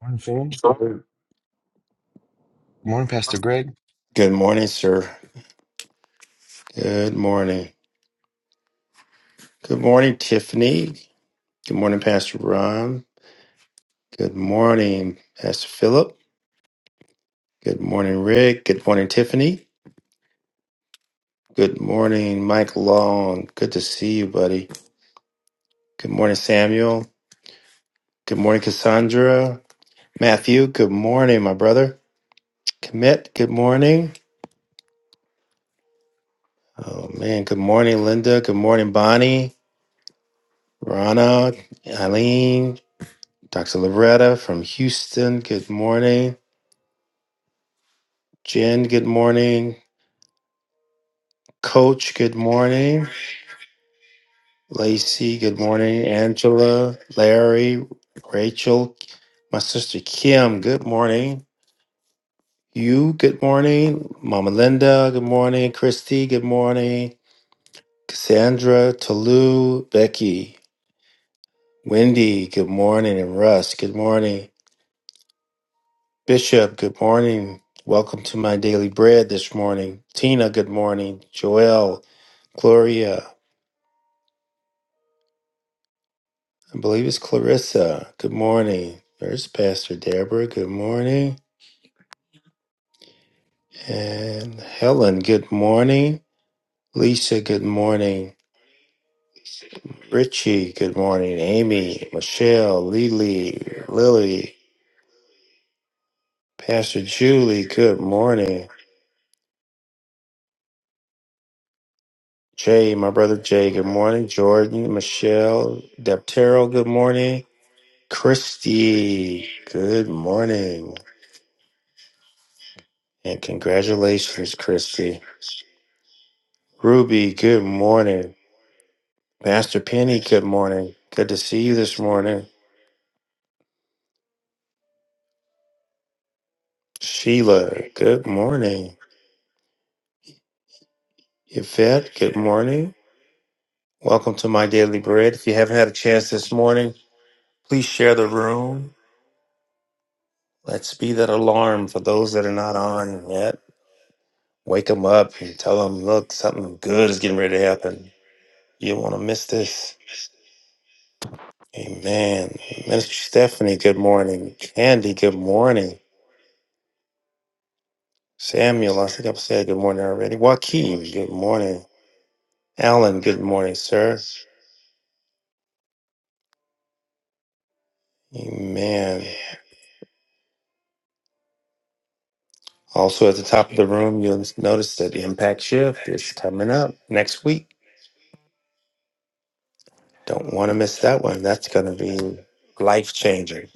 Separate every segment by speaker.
Speaker 1: Morning, Phil.
Speaker 2: Sure.
Speaker 1: Good morning, Pastor Greg.
Speaker 2: Good morning, sir. Good morning. Good morning, Tiffany. Good morning, Pastor Ron. Good morning, Pastor Philip. Good morning, Rick. Good morning, Tiffany. Good morning, Mike Long. Good to see you, buddy. Good morning, Samuel. Good morning, Cassandra. Matthew, good morning, my brother. Commit, good morning. Oh, man. Good morning, Linda. Good morning, Bonnie. Rana, Eileen, Dr. Loretta from Houston. Good morning. Jen, good morning. Coach, good morning. Lacey, good morning. Angela, Larry, Rachel, my sister Kim, good morning. You, good morning. Mama Linda, good morning. Christy, good morning. Cassandra, Tolu, Becky, Wendy, good morning. And Russ, good morning. Bishop, good morning. Welcome to my daily bread this morning. Tina, good morning. Joelle, Gloria. I believe it's Clarissa. Good morning. There's Pastor Deborah. Good morning. And Helen, good morning. Lisa, good morning. Richie, good morning. Amy, Michelle, Lily, Lily, Pastor Julie, good morning. Jay, my brother Jay, good morning. Jordan, Michelle, Deptero, good morning. Christy, good morning. And congratulations, Christy. Ruby, good morning. Pastor Penny, good morning. Good to see you this morning. Sheila, good morning. Yvette, good morning. Welcome to My Daily Bread. If you haven't had a chance this morning, please share the room. Let's be that alarm for those that are not on yet. Wake them up and tell them, look, something good is getting ready to happen. You don't want to miss this. Amen. Minister Stephanie, good morning. Candy, good morning. Samuel, I think I've said good morning already. Joaquin, good morning. Alan, good morning, sir. Amen. Also, at the top of the room, you'll notice that the impact shift is coming up next week. Don't want to miss that one. That's going to be life changing.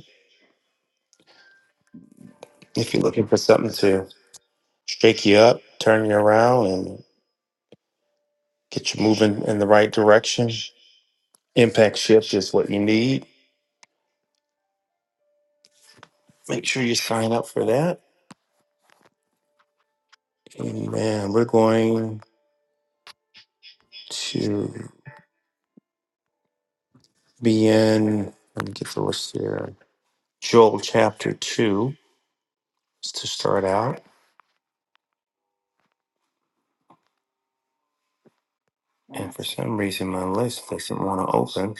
Speaker 2: If you're looking for something to shake you up, turn you around, and get you moving in the right direction, impact shift is what you need. Make sure you sign up for that. Amen. We're going to be in, let me get the list here, Joel chapter 2. to start out, and for some reason my list doesn't want to open.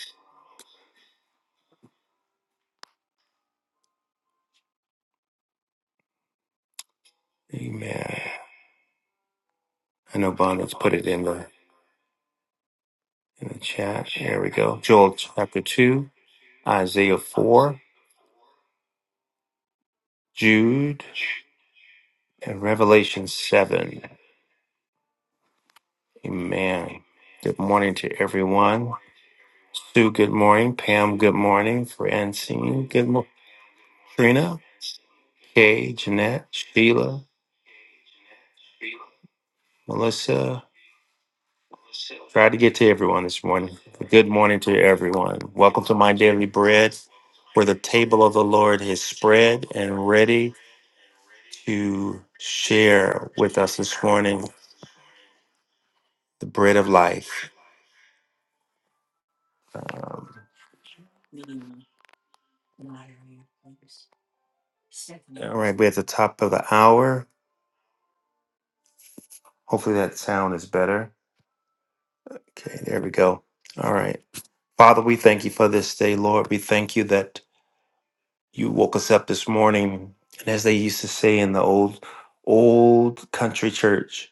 Speaker 2: Amen. I know Bonda's put it in the in the chat. Here we go. Joel chapter two, Isaiah four, Jude, and Revelation seven. Amen. Good morning to everyone. Sue, good morning. Pam, good morning. Francine, good morning. Trina, Kay, Jeanette, Sheila, Melissa, Try to get to everyone this morning. Good morning to everyone. Welcome to My Daily Bread, where the table of the Lord is spread and ready to share with us this morning the bread of life. Um, all right, we're at the top of the hour. Hopefully that sound is better. Okay, there we go. All right. Father, we thank you for this day, Lord. We thank you that you woke us up this morning. And as they used to say in the old, old country church,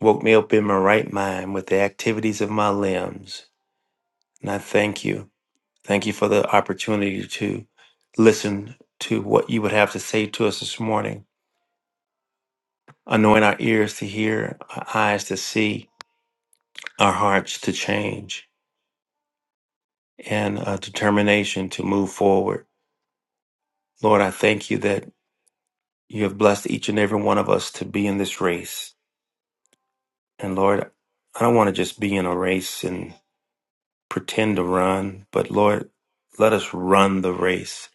Speaker 2: woke me up in my right mind with the activities of my limbs. And I thank you. Thank you for the opportunity to listen to what you would have to say to us this morning. Anoint our ears to hear, our eyes to see, our hearts to change, and a determination to move forward. Lord, I thank you that you have blessed each and every one of us to be in this race. And Lord, I don't want to just be in a race and pretend to run, but Lord, let us run the race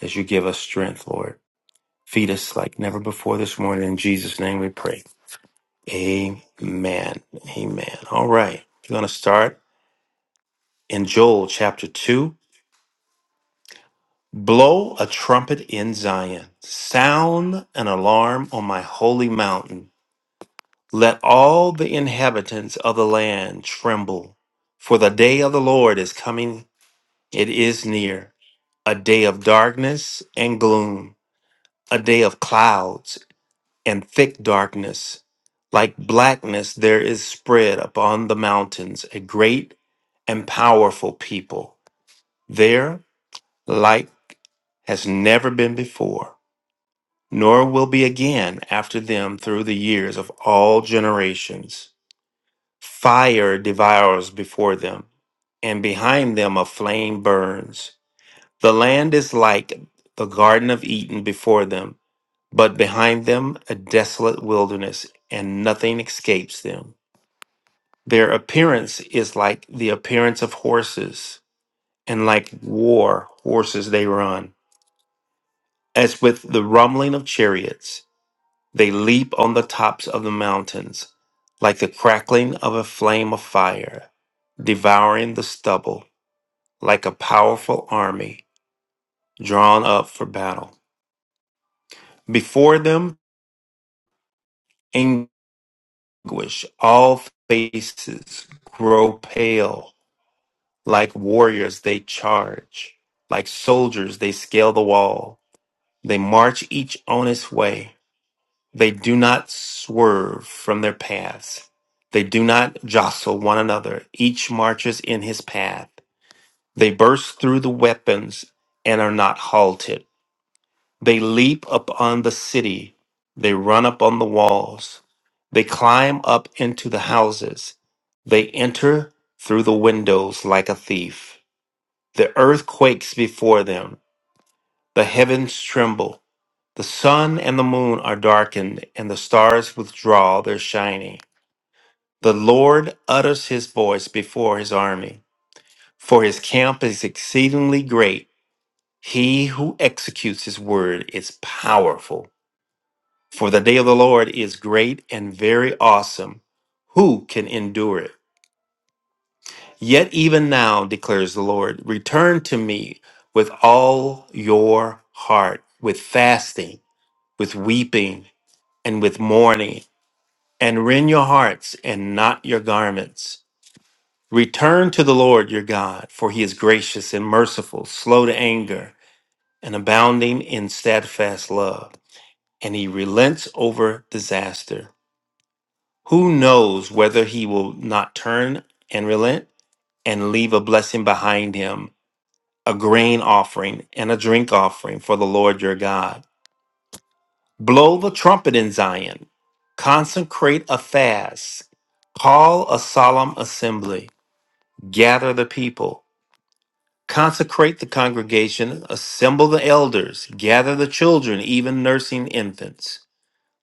Speaker 2: as you give us strength, Lord. Feed us like never before this morning. In Jesus' name we pray. Amen. Amen. All right. We're going to start in Joel chapter 2. Blow a trumpet in Zion, sound an alarm on my holy mountain. Let all the inhabitants of the land tremble, for the day of the Lord is coming. It is near. A day of darkness and gloom, a day of clouds and thick darkness, like blackness, there is spread upon the mountains a great and powerful people. There, like has never been before, nor will be again after them through the years of all generations. Fire devours before them, and behind them a flame burns. The land is like the Garden of Eden before them but behind them a desolate wilderness, and nothing escapes them. Their appearance is like the appearance of horses, and like war horses they run. As with the rumbling of chariots, they leap on the tops of the mountains, like the crackling of a flame of fire, devouring the stubble, like a powerful army drawn up for battle. Before them, anguish, all faces grow pale. Like warriors, they charge. Like soldiers, they scale the wall. They march each on its way. They do not swerve from their paths. They do not jostle one another. Each marches in his path. They burst through the weapons and are not halted. They leap upon the city. They run up on the walls. They climb up into the houses. They enter through the windows like a thief. The earth quakes before them. The heavens tremble. The sun and the moon are darkened, and the stars withdraw their shining. The Lord utters his voice before his army, for his camp is exceedingly great. He who executes his word is powerful. For the day of the Lord is great and very awesome. Who can endure it? Yet even now, declares the Lord, return to me with all your heart, with fasting, with weeping, and with mourning, and rend your hearts and not your garments. Return to the Lord your God, for he is gracious and merciful, slow to anger, and abounding in steadfast love, and he relents over disaster. Who knows whether he will not turn and relent and leave a blessing behind him, a grain offering and a drink offering for the Lord your God? Blow the trumpet in Zion, consecrate a fast, call a solemn assembly, gather the people, consecrate the congregation, assemble the elders, gather the children, even nursing infants.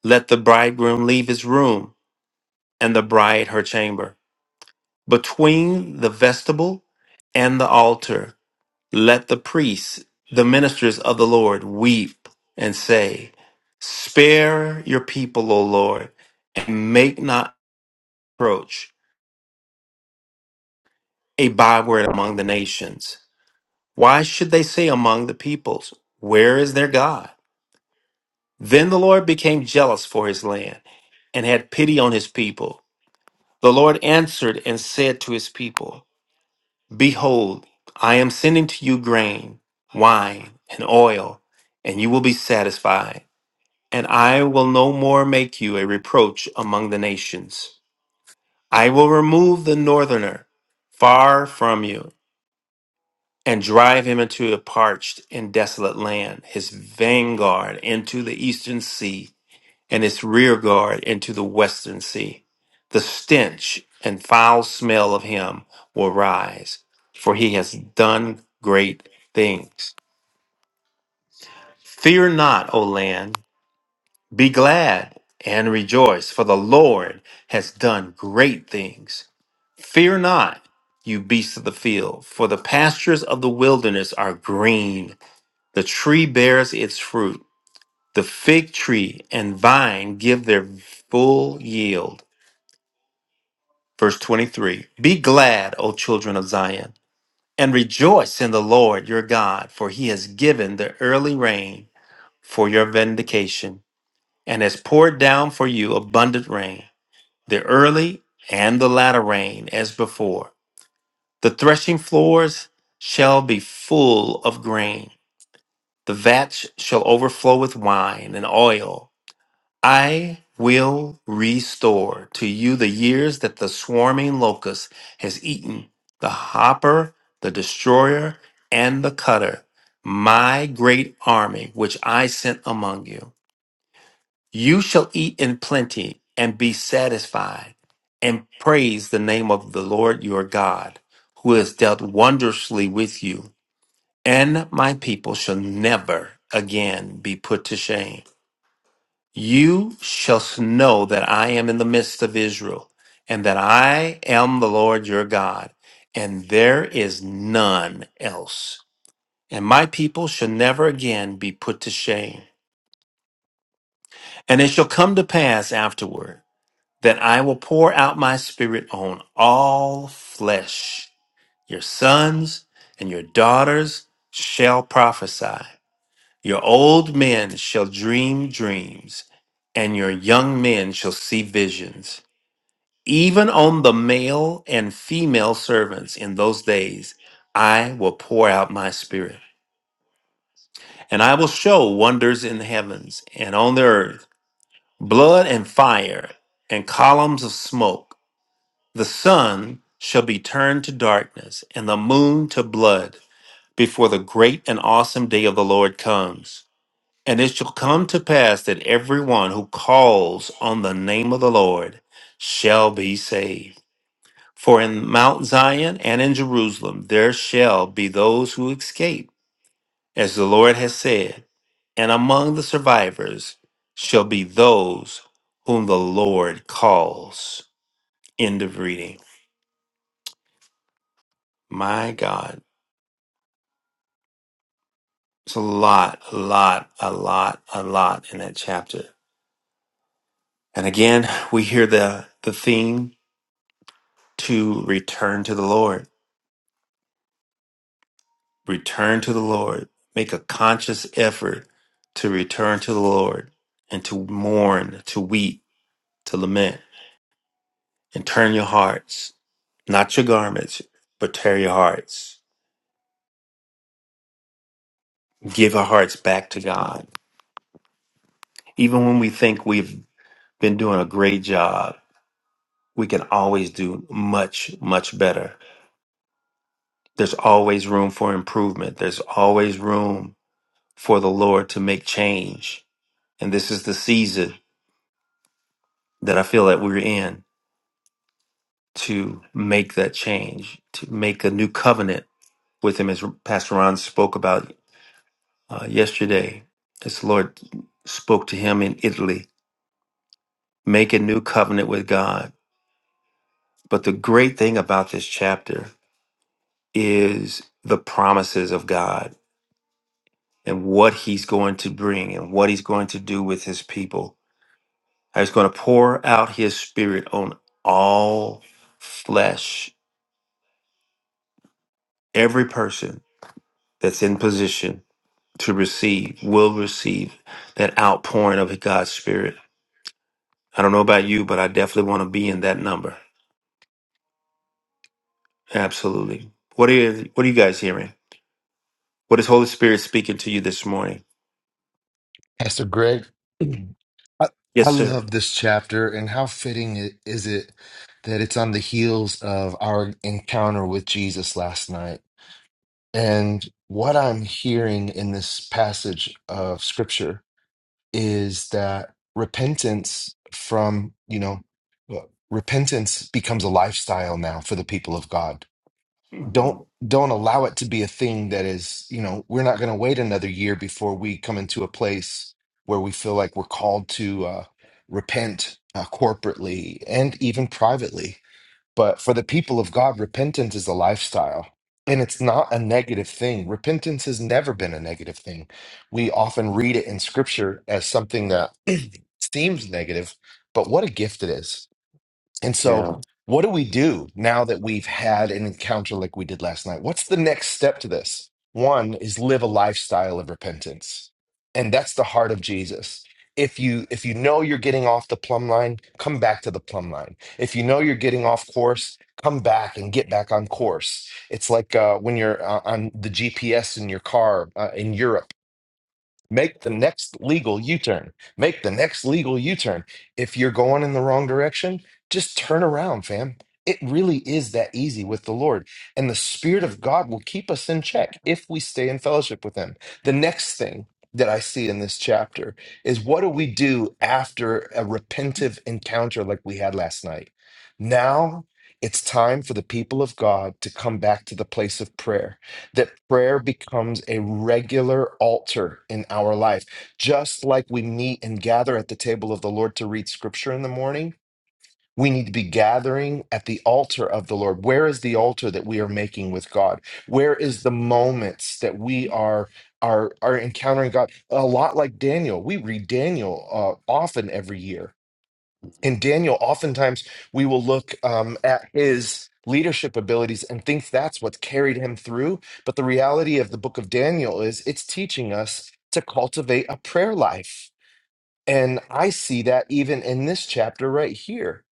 Speaker 2: Let the bridegroom leave his room and the bride her chamber. Between the vestibule and the altar, let the priests, the ministers of the Lord, weep and say, Spare your people, O Lord, and make not approach a byword among the nations. Why should they say among the peoples, Where is their God? Then the Lord became jealous for his land and had pity on his people. The Lord answered and said to his people, Behold, I am sending to you grain, wine, and oil, and you will be satisfied. And I will no more make you a reproach among the nations. I will remove the northerner far from you and drive him into a parched and desolate land, his vanguard into the eastern sea and its rear guard into the western sea. The stench and foul smell of him will rise, for he has done great things. Fear not, O land, be glad and rejoice, for the Lord has done great things. Fear not, you beasts of the field, for the pastures of the wilderness are green. The tree bears its fruit. The fig tree and vine give their full yield Verse 23 Be glad, O children of Zion, and rejoice in the Lord your God, for he has given the early rain for your vindication, and has poured down for you abundant rain, the early and the latter rain as before. The threshing floors shall be full of grain, the vats shall overflow with wine and oil. I will restore to you the years that the swarming locust has eaten, the hopper, the destroyer, and the cutter, my great army which I sent among you. You shall eat in plenty and be satisfied, and praise the name of the Lord your God, who has dealt wondrously with you. And my people shall never again be put to shame. You shall know that I am in the midst of Israel, and that I am the Lord your God, and there is none else. And my people shall never again be put to shame. And it shall come to pass afterward that I will pour out my spirit on all flesh. Your sons and your daughters shall prophesy. Your old men shall dream dreams, and your young men shall see visions. Even on the male and female servants in those days, I will pour out my spirit, and I will show wonders in the heavens and on the earth blood and fire and columns of smoke. The sun shall be turned to darkness and the moon to blood before the great and awesome day of the Lord comes. And it shall come to pass that everyone who calls on the name of the Lord shall be saved. For in Mount Zion and in Jerusalem there shall be those who escape, as the Lord has said, and among the survivors shall be those whom the Lord calls. End of reading. My God, it's a lot, a lot, a lot, a lot in that chapter. And again, we hear the, the theme to return to the Lord Return to the Lord. Make a conscious effort to return to the Lord and to mourn, to weep, to lament, and turn your hearts, not your garments, but tear your hearts. Give our hearts back to God. Even when we think we've been doing a great job, we can always do much, much better. There's always room for improvement. There's always room for the Lord to make change. And this is the season that I feel that we're in to make that change, to make a new covenant with him, as Pastor Ron spoke about uh, yesterday, as the Lord spoke to him in Italy. Make a new covenant with God. But the great thing about this chapter is the promises of God and what he's going to bring and what he's going to do with his people. He's going to pour out his spirit on all flesh, every person that's in position to receive, will receive that outpouring of God's Spirit. I don't know about you, but I definitely want to be in that number. Absolutely. What are you, what are you guys hearing? What is Holy Spirit speaking to you this morning?
Speaker 1: Pastor Greg, I, I
Speaker 2: Yes, sir.
Speaker 1: love this chapter, and how fitting it, is it that it's on the heels of our encounter with Jesus last night. And what I'm hearing in this passage of scripture is that repentance from, you know, well, repentance becomes a lifestyle now for the people of God don't
Speaker 2: Mhm.
Speaker 1: don't allow it to be a thing that is you know we're not going to wait another year before we come into a place where we feel like we're called to uh, repent uh, corporately and even privately but for the people of god repentance is a lifestyle and it's not a negative thing repentance has never been a negative thing we often read it in scripture as something that seems negative but what a gift it is and so,
Speaker 2: Yeah.
Speaker 1: what do we do now that we've had an encounter like we did last night? What's the next step to this? One is live a lifestyle of repentance. And that's the heart of Jesus. If you if you know you're getting off the plumb line, come back to the plumb line. If you know you're getting off course, come back and get back on course. It's like uh, when you're uh, on the GPS in your car uh, in Europe Make the next legal U turn. Make the next legal U turn. If you're going in the wrong direction, just turn around, fam. It really is that easy with the Lord. And the Spirit of God will keep us in check if we stay in fellowship with Him. The next thing that I see in this chapter is what do we do after a repentive encounter like we had last night? Now it's time for the people of God to come back to the place of prayer that prayer becomes a regular altar in our life. Just like we meet and gather at the table of the Lord to read scripture in the morning, we need to be gathering at the altar of the Lord. Where is the altar that we are making with God? Where is the moments that we are are are encountering God? A lot like Daniel. We read Daniel uh, often every year in Daniel, oftentimes we will look um, at his leadership abilities and think that's what's carried him through. But the reality of the book of Daniel is it's teaching us to cultivate a prayer life and I see that even in this chapter right here,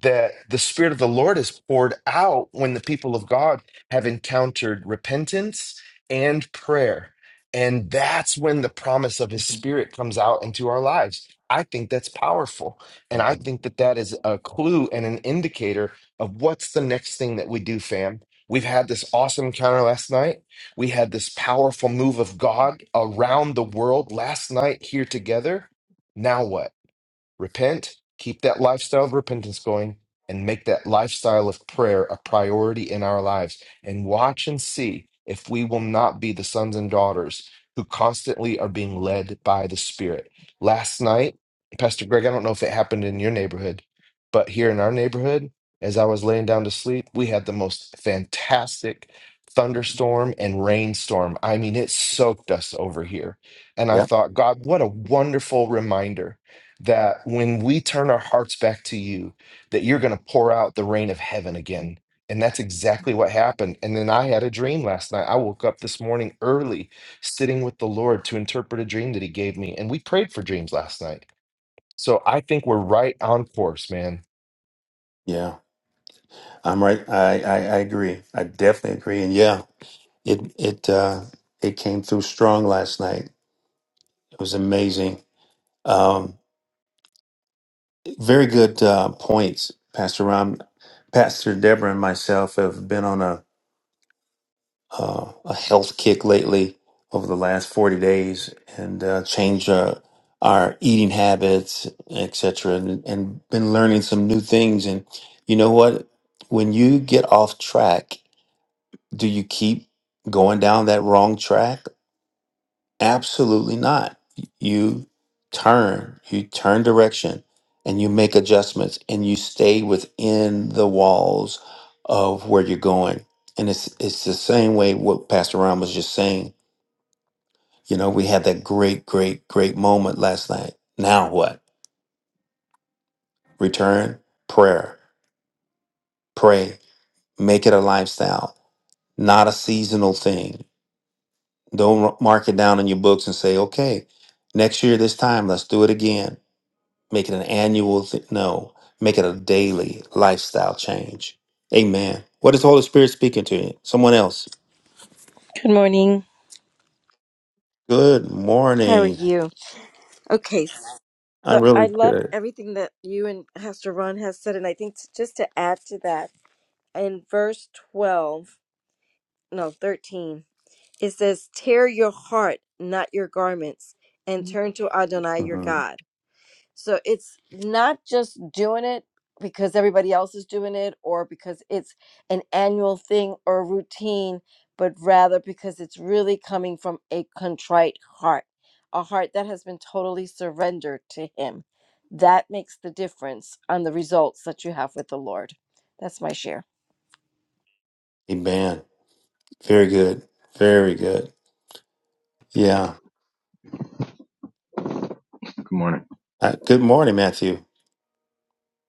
Speaker 1: that the Spirit of the Lord is poured out when the people of God have encountered repentance and prayer. And that's when the promise of His Spirit comes out into our lives. I think that's powerful. And I think that that is a clue and an indicator of what's the next thing that we do, fam. We've had this awesome encounter last night. We had this powerful move of God around the world last night here together now what? Repent, keep that lifestyle of repentance going, and make that lifestyle of prayer a priority in our lives. And watch and see if we will not be the sons and daughters who constantly are being led by the Spirit. Last night, Pastor Greg, I don't know if it happened in your neighborhood, but here in our neighborhood, as I was laying down to sleep, we had the most fantastic thunderstorm and rainstorm. I mean, it soaked us over here. And I
Speaker 2: Yeah.
Speaker 1: thought, God, what a wonderful reminder that when we turn our hearts back to you that you're going to pour out the rain of heaven again and that's exactly what happened and then i had a dream last night i woke up this morning early sitting with the lord to interpret a dream that he gave me and we prayed for dreams last night so i think we're right on course man
Speaker 2: Yeah. I'm right. I, I, I agree. I definitely agree. And yeah, it, it, uh, it came through strong last night. It was amazing. Um, very good, uh, points. Pastor Ram, Pastor Deborah and myself have been on a, uh, a health kick lately over the last 40 days and uh, changed uh, our eating habits, etc., and, and been learning some new things. And you know what? When you get off track, do you keep going down that wrong track Absolutely not. You turn, you turn direction, and you make adjustments, and you stay within the walls of where you're going. And it's it's the same way what Pastor Ron was just saying. You know, we had that great, great, great moment last night. Now what? Return, prayer, pray, make it a lifestyle, not a seasonal thing. Don't mark it down in your books and say, okay, next year this time let's do it again Make it an annual thing. No, make it a daily lifestyle change. Amen. What is the Holy Spirit speaking to you? Someone else.
Speaker 3: Good morning.
Speaker 2: Good
Speaker 3: How are
Speaker 2: morning.
Speaker 3: you? Okay,
Speaker 2: I
Speaker 3: so I
Speaker 2: really
Speaker 3: loved
Speaker 2: could.
Speaker 3: everything that you and Pastor Ron has said, and I think t- just to add to that, in verse twelve, no thirteen, it says, "Tear your heart, not your garments, and turn to Adonai your
Speaker 2: hmm
Speaker 3: God." So it's not just doing it because everybody else is doing it or because it's an annual thing or routine, but rather because it's really coming from a contrite heart, a heart that has been totally surrendered to Him. That makes the difference on the results that you have with the Lord. That's my share.
Speaker 2: Amen. Very good. Very good. Yeah.
Speaker 4: Good morning.
Speaker 2: Uh, good morning, Matthew.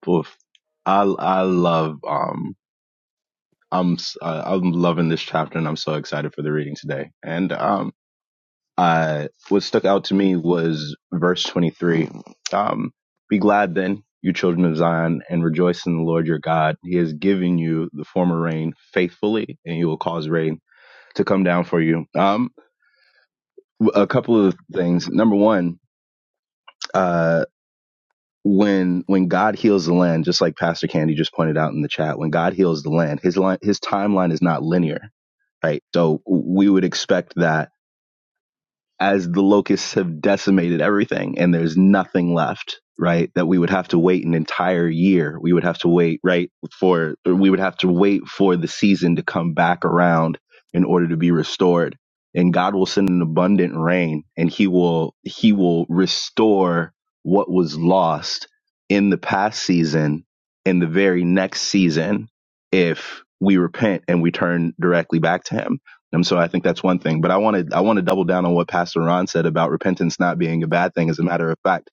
Speaker 4: Wolf. I I love um I'm s- uh, I'm loving this chapter and I'm so excited for the reading today. And um I what stuck out to me was verse 23. Um be glad then, you children of Zion, and rejoice in the Lord your God. He has given you the former rain faithfully, and he will cause rain to come down for you. Um w- a couple of things. Number 1, uh, when when God heals the land, just like Pastor Candy just pointed out in the chat, when God heals the land, his line, his timeline is not linear, right? So we would expect that as the locusts have decimated everything and there's nothing left, right? That we would have to wait an entire year. We would have to wait, right, for or we would have to wait for the season to come back around in order to be restored. And God will send an abundant rain and he will he will restore what was lost in the past season in the very next season if we repent and we turn directly back to him and so I think that's one thing. But I wanted I want to double down on what Pastor Ron said about repentance not being a bad thing. As a matter of fact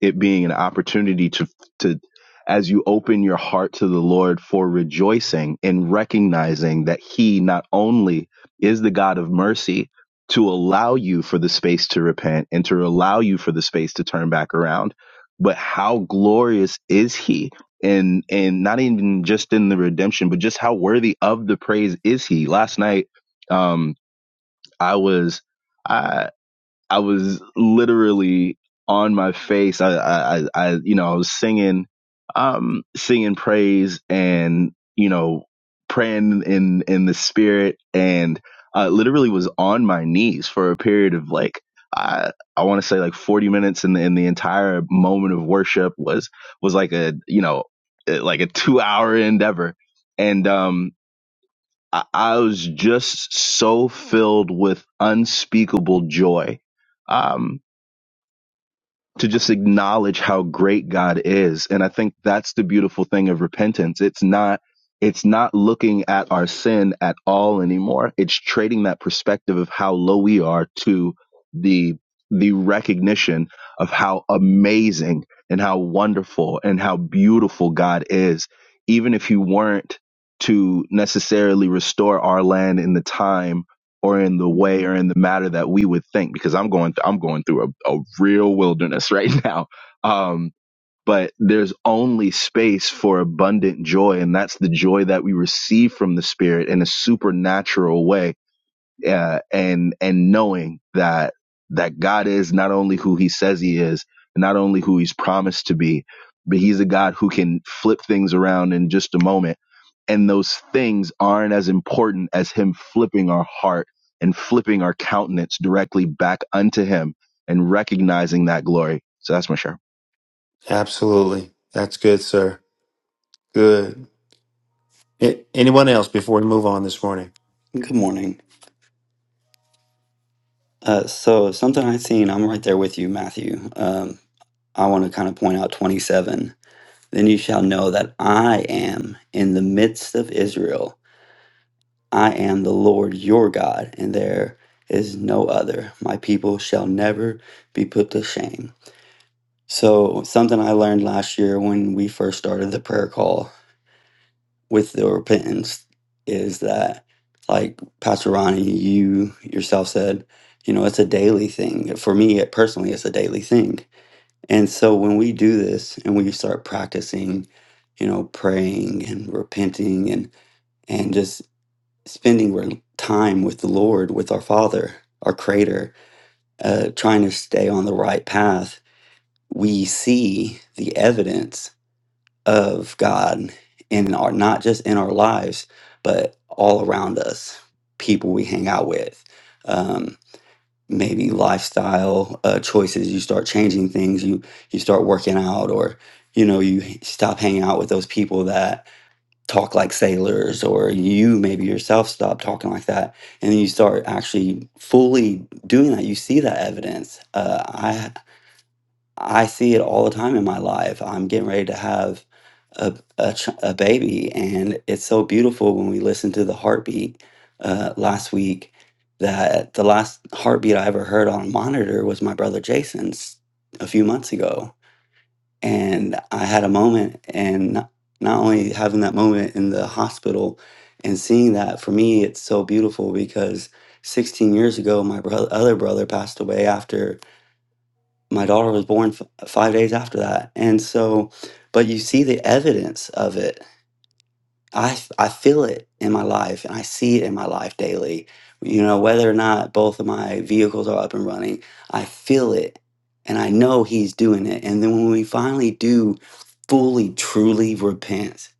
Speaker 4: it being an opportunity to to as you open your heart to the Lord for rejoicing and recognizing that he not only is the God of mercy to allow you for the space to repent and to allow you for the space to turn back around but how glorious is he and and not even just in the redemption but just how worthy of the praise is he last night um i was I was literally on my face. I, I, I, I you know, I was singing, um, singing praise and, you know, praying in, in the spirit and, uh, literally was on my knees for a period of like, I, I want to say like 40 minutes and the, and the entire moment of worship was, was like a, you know, eh, like a two hour endeavor. And, um, I, I was just so filled with unspeakable joy. Um, to just acknowledge how great God is. And I think that's the beautiful thing of repentance. It's not it's not looking at our sin at all anymore. It's trading that perspective of how low we are to the the recognition of how amazing and how wonderful and how beautiful God is, even if you weren't to necessarily restore our land in the time or in the way or in the matter that we would think because I'm going th- I'm going through a, a real wilderness right now. Um, but there's only space for abundant joy, and that's the joy that we receive from the Spirit in a supernatural way uh, and and knowing that that God is not only who He says He is, not only who He's promised to be, but He's a God who can flip things around in just a moment. And those things aren't as important as Him flipping our heart and flipping our countenance directly back unto Him and recognizing that glory. So that's my share.
Speaker 2: Absolutely. That's good, sir. Good. A- anyone else before we move on this morning?
Speaker 5: Good morning. Uh, so something I've seen, I'm right there with you, Matthew. Um, I want to kind of point out 27. Then you shall know that I am in the midst of Israel. I am the Lord your God, and there is no other. My people shall never be put to shame. So something I learned last year when we first started the prayer call with the repentance is that like pastor ronnie you yourself said you know it's a daily thing for me it personally it's a daily thing and so when we do this and we start practicing you know praying and repenting and and just spending re- time with the lord with our father our creator uh, trying to stay on the right path we see the evidence of God in our not just in our lives, but all around us, people we hang out with, um, maybe lifestyle uh, choices. You start changing things. You you start working out, or you know you stop hanging out with those people that talk like sailors, or you maybe yourself stop talking like that, and then you start actually fully doing that. You see that evidence. Uh, I I see it all the time in my life. I'm getting ready to have a a, ch- a baby, and it's so beautiful when we listen to the heartbeat. Uh, last week, that the last heartbeat I ever heard on a monitor was my brother Jason's a few months ago, and I had a moment, and not not only having that moment in the hospital and seeing that for me, it's so beautiful because 16 years ago, my brother, other brother passed away after my daughter was born f- five days after that. And so, but you see the evidence of it I I feel it in my life and I see it in my life daily. You know, whether or not both of my vehicles are up and running, I feel it and I know He's doing it. And then when we finally do fully, truly repent,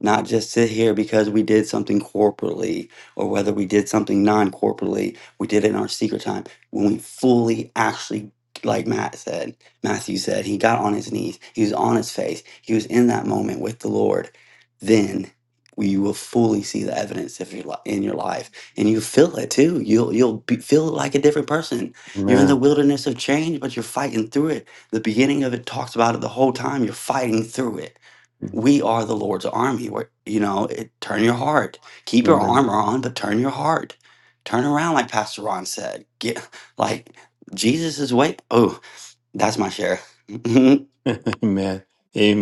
Speaker 5: not just sit here because we did something corporately or whether we did something non corporately, we did it in our secret time. When we fully actually, like Matt said, Matthew said, he got on his knees, he was on his face, he was in that moment with the Lord. Then you will fully see the evidence of your li- in your life, and you feel it too. You'll you'll be, feel like a different person. You're in the
Speaker 2: Amen.
Speaker 5: wilderness of change, but you're fighting through it. The beginning of it talks about it the whole time. You're fighting through it.
Speaker 2: Mhm.
Speaker 5: We are the Lord's army. Where you know, it, turn your heart, keep your
Speaker 2: Amen.
Speaker 5: armor on, but turn your heart, turn around, like Pastor Ron said. Get like Jesus is wait. Oh, that's my share.
Speaker 2: Amen.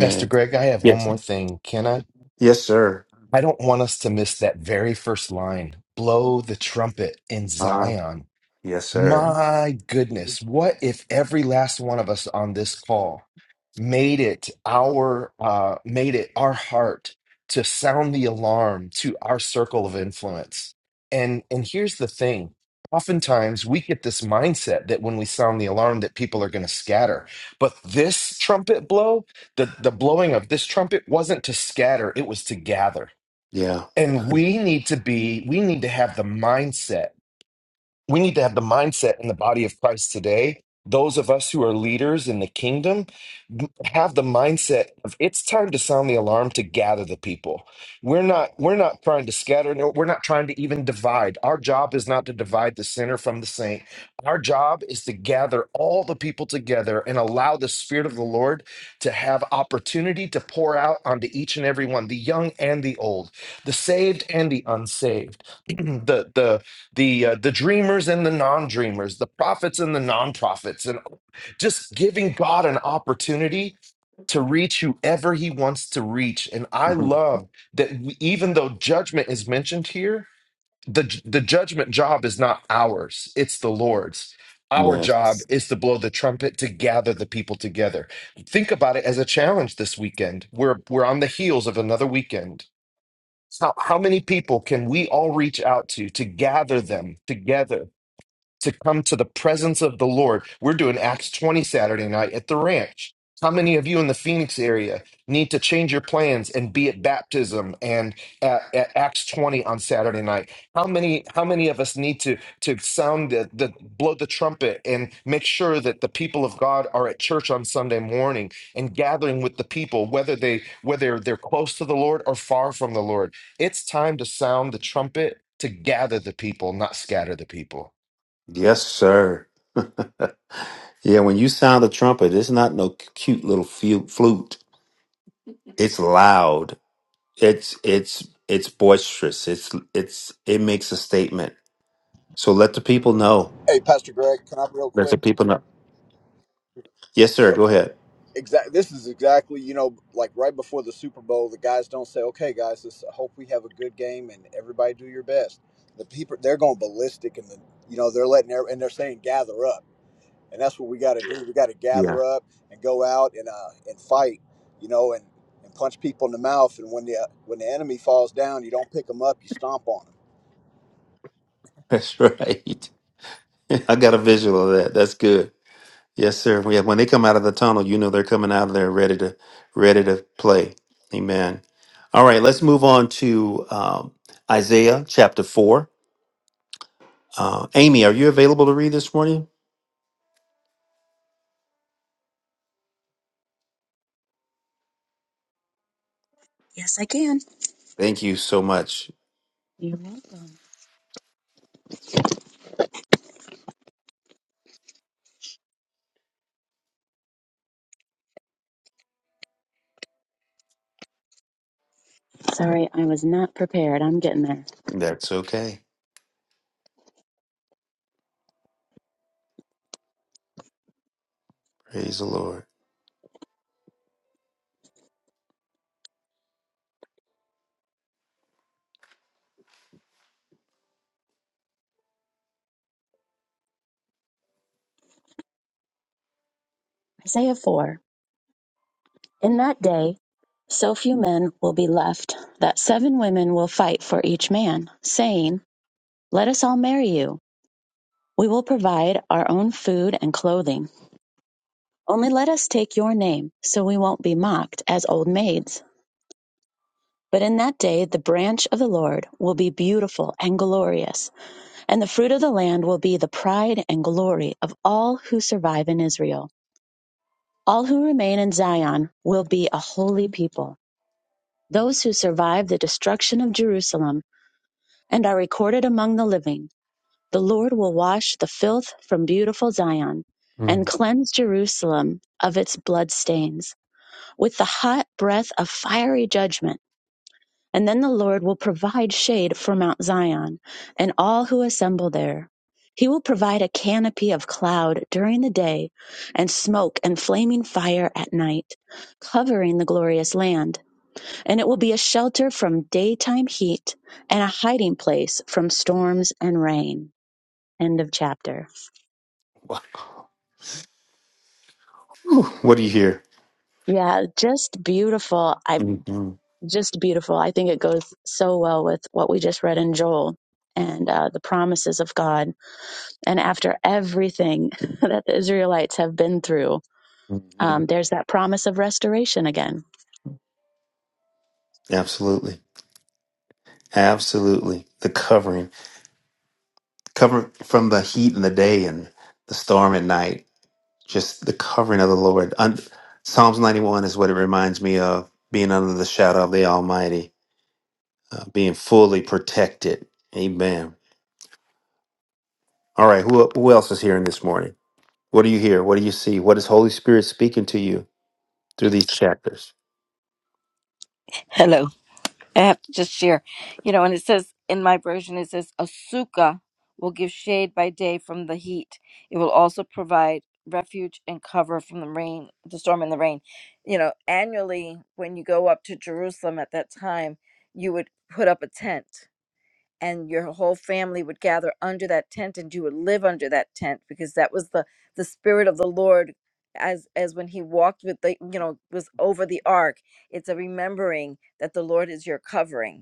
Speaker 1: pastor greg i have one
Speaker 2: Yes.
Speaker 1: more thing can i
Speaker 2: Yes, sir.
Speaker 1: i don't want us to miss that very first line blow the trumpet in
Speaker 2: Uh,
Speaker 1: zion
Speaker 2: yes, sir.
Speaker 1: My goodness, what if every last one of us on this call made it our uh made it our heart to sound the alarm to our circle of influence. And and here's the thing. Oftentimes we get this mindset that when we sound the alarm that people are going to scatter. But this trumpet blow, the the blowing of this trumpet wasn't to scatter, it was to gather.
Speaker 2: Yeah.
Speaker 1: And we need to be we need to have the mindset we need to have the mindset in the body of Christ today. Those of us who are leaders in the kingdom have the mindset of it's time to sound the alarm to gather the people. We're not we're not trying to scatter. No, we're not trying to even divide. Our job is not to divide the sinner from the saint. Our job is to gather all the people together and allow the Spirit of the Lord to have opportunity to pour out onto each and every one, the young and the old, the saved and the unsaved. the the the uh, the dreamers and the non-dreamers the prophets and the non-prophets and just giving god an opportunity to reach whoever he wants to reach and i love that we, even though judgment is mentioned here the the judgment job is not ours it's the lord's our job
Speaker 2: Yes.
Speaker 1: is to blow the trumpet to gather the people together think about it as a challenge this weekend we're we're on the heels of another weekend how, how many people can we all reach out to to gather them together to come to the presence of the Lord. We're doing Acts 20 Saturday night at the ranch. How many of you in the Phoenix area need to change your plans and be at baptism and at, at Acts 20 on Saturday night? How many how many of us need to to sound the, the blow the trumpet and make sure that the people of God are at church on Sunday morning and gathering with the people whether they whether they're close to the Lord or far from the Lord. It's time to sound the trumpet to gather the people, not scatter the people.
Speaker 2: Yes, sir. Yeah, when you sound the trumpet, it's not no cute little fu- flute. It's loud. It's it's it's boisterous. It's it's it makes a statement. So let the people know.
Speaker 6: Hey, Pastor Greg, can I real
Speaker 2: Let the
Speaker 6: quick?
Speaker 2: people know. Yes, sir.
Speaker 6: So,
Speaker 2: Go ahead.
Speaker 6: exact. This is exactly you know like right before the Super Bowl, the guys don't say, "Okay, guys, this, I hope we have a good game and everybody do your best." The people they're going ballistic and the you know they're letting every, and they're saying gather up, and that's what we got to do. We got to
Speaker 2: Yeah,
Speaker 6: gather up and go out and uh and fight, you know, and and punch people in the mouth. And when the uh, when the enemy falls down, you don't pick them up, you stomp on them.
Speaker 2: that's right. I got a visual of that. That's good. Yes, sir. Yeah, when they come out of the tunnel, you know they're coming out of there ready to ready to play. Amen. All right, let's move on to um, Isaiah chapter four. Uh, Amy, are you available to read this morning?
Speaker 7: Yes, I can.
Speaker 2: Thank you so much.
Speaker 7: You're welcome. Sorry, I was not prepared. I'm getting there.
Speaker 2: That's okay. Praise the Lord.
Speaker 7: Isaiah 4. In that day, so few men will be left that seven women will fight for each man, saying, Let us all marry you. We will provide our own food and clothing. Only let us take your name, so we won't be mocked as old maids. But in that day, the branch of the Lord will be beautiful and glorious, and the fruit of the land will be the pride and glory of all who survive in Israel. All who remain in Zion will be a holy people, those who survive the destruction of Jerusalem and are recorded among the living. The Lord will wash the filth from beautiful Zion and
Speaker 2: Mm.
Speaker 7: cleanse Jerusalem of its blood stains with the hot breath of fiery judgment. And then the Lord will provide shade for Mount Zion and all who assemble there. He will provide a canopy of cloud during the day and smoke and flaming fire at night, covering the glorious land. And it will be a shelter from daytime heat and a hiding place from storms and rain. End of chapter.
Speaker 2: Wha- Whew, What do you hear?
Speaker 7: Yeah, just beautiful. I
Speaker 2: hmm
Speaker 7: just beautiful. I think it goes so well with what we just read in Joel and uh, the promises of God. And after everything that the Israelites have been through,
Speaker 2: hmm
Speaker 7: um, there's that promise of restoration again.
Speaker 2: Absolutely. Absolutely. The covering, covering from the heat in the day and the storm at night, just the covering of the Lord. Un- Psalms 91 is what it reminds me of being under the shadow of the Almighty, uh, being fully protected. Amen. All right. Who, who else is hearing this morning? What do you hear? What do you see? What is Holy Spirit speaking to you through these chapters?
Speaker 3: I have to just share, you know, and it says in my version, it says, a sukkah will give shade by day from the heat. It will also provide refuge and cover from the rain, the storm and the rain. You know, annually, when you go up to Jerusalem at that time, you would put up a tent and your whole family would gather under that tent and you would live under that tent because that was the the spirit of the lord as as when he walked with the you know was over the ark it's a remembering that the lord is your covering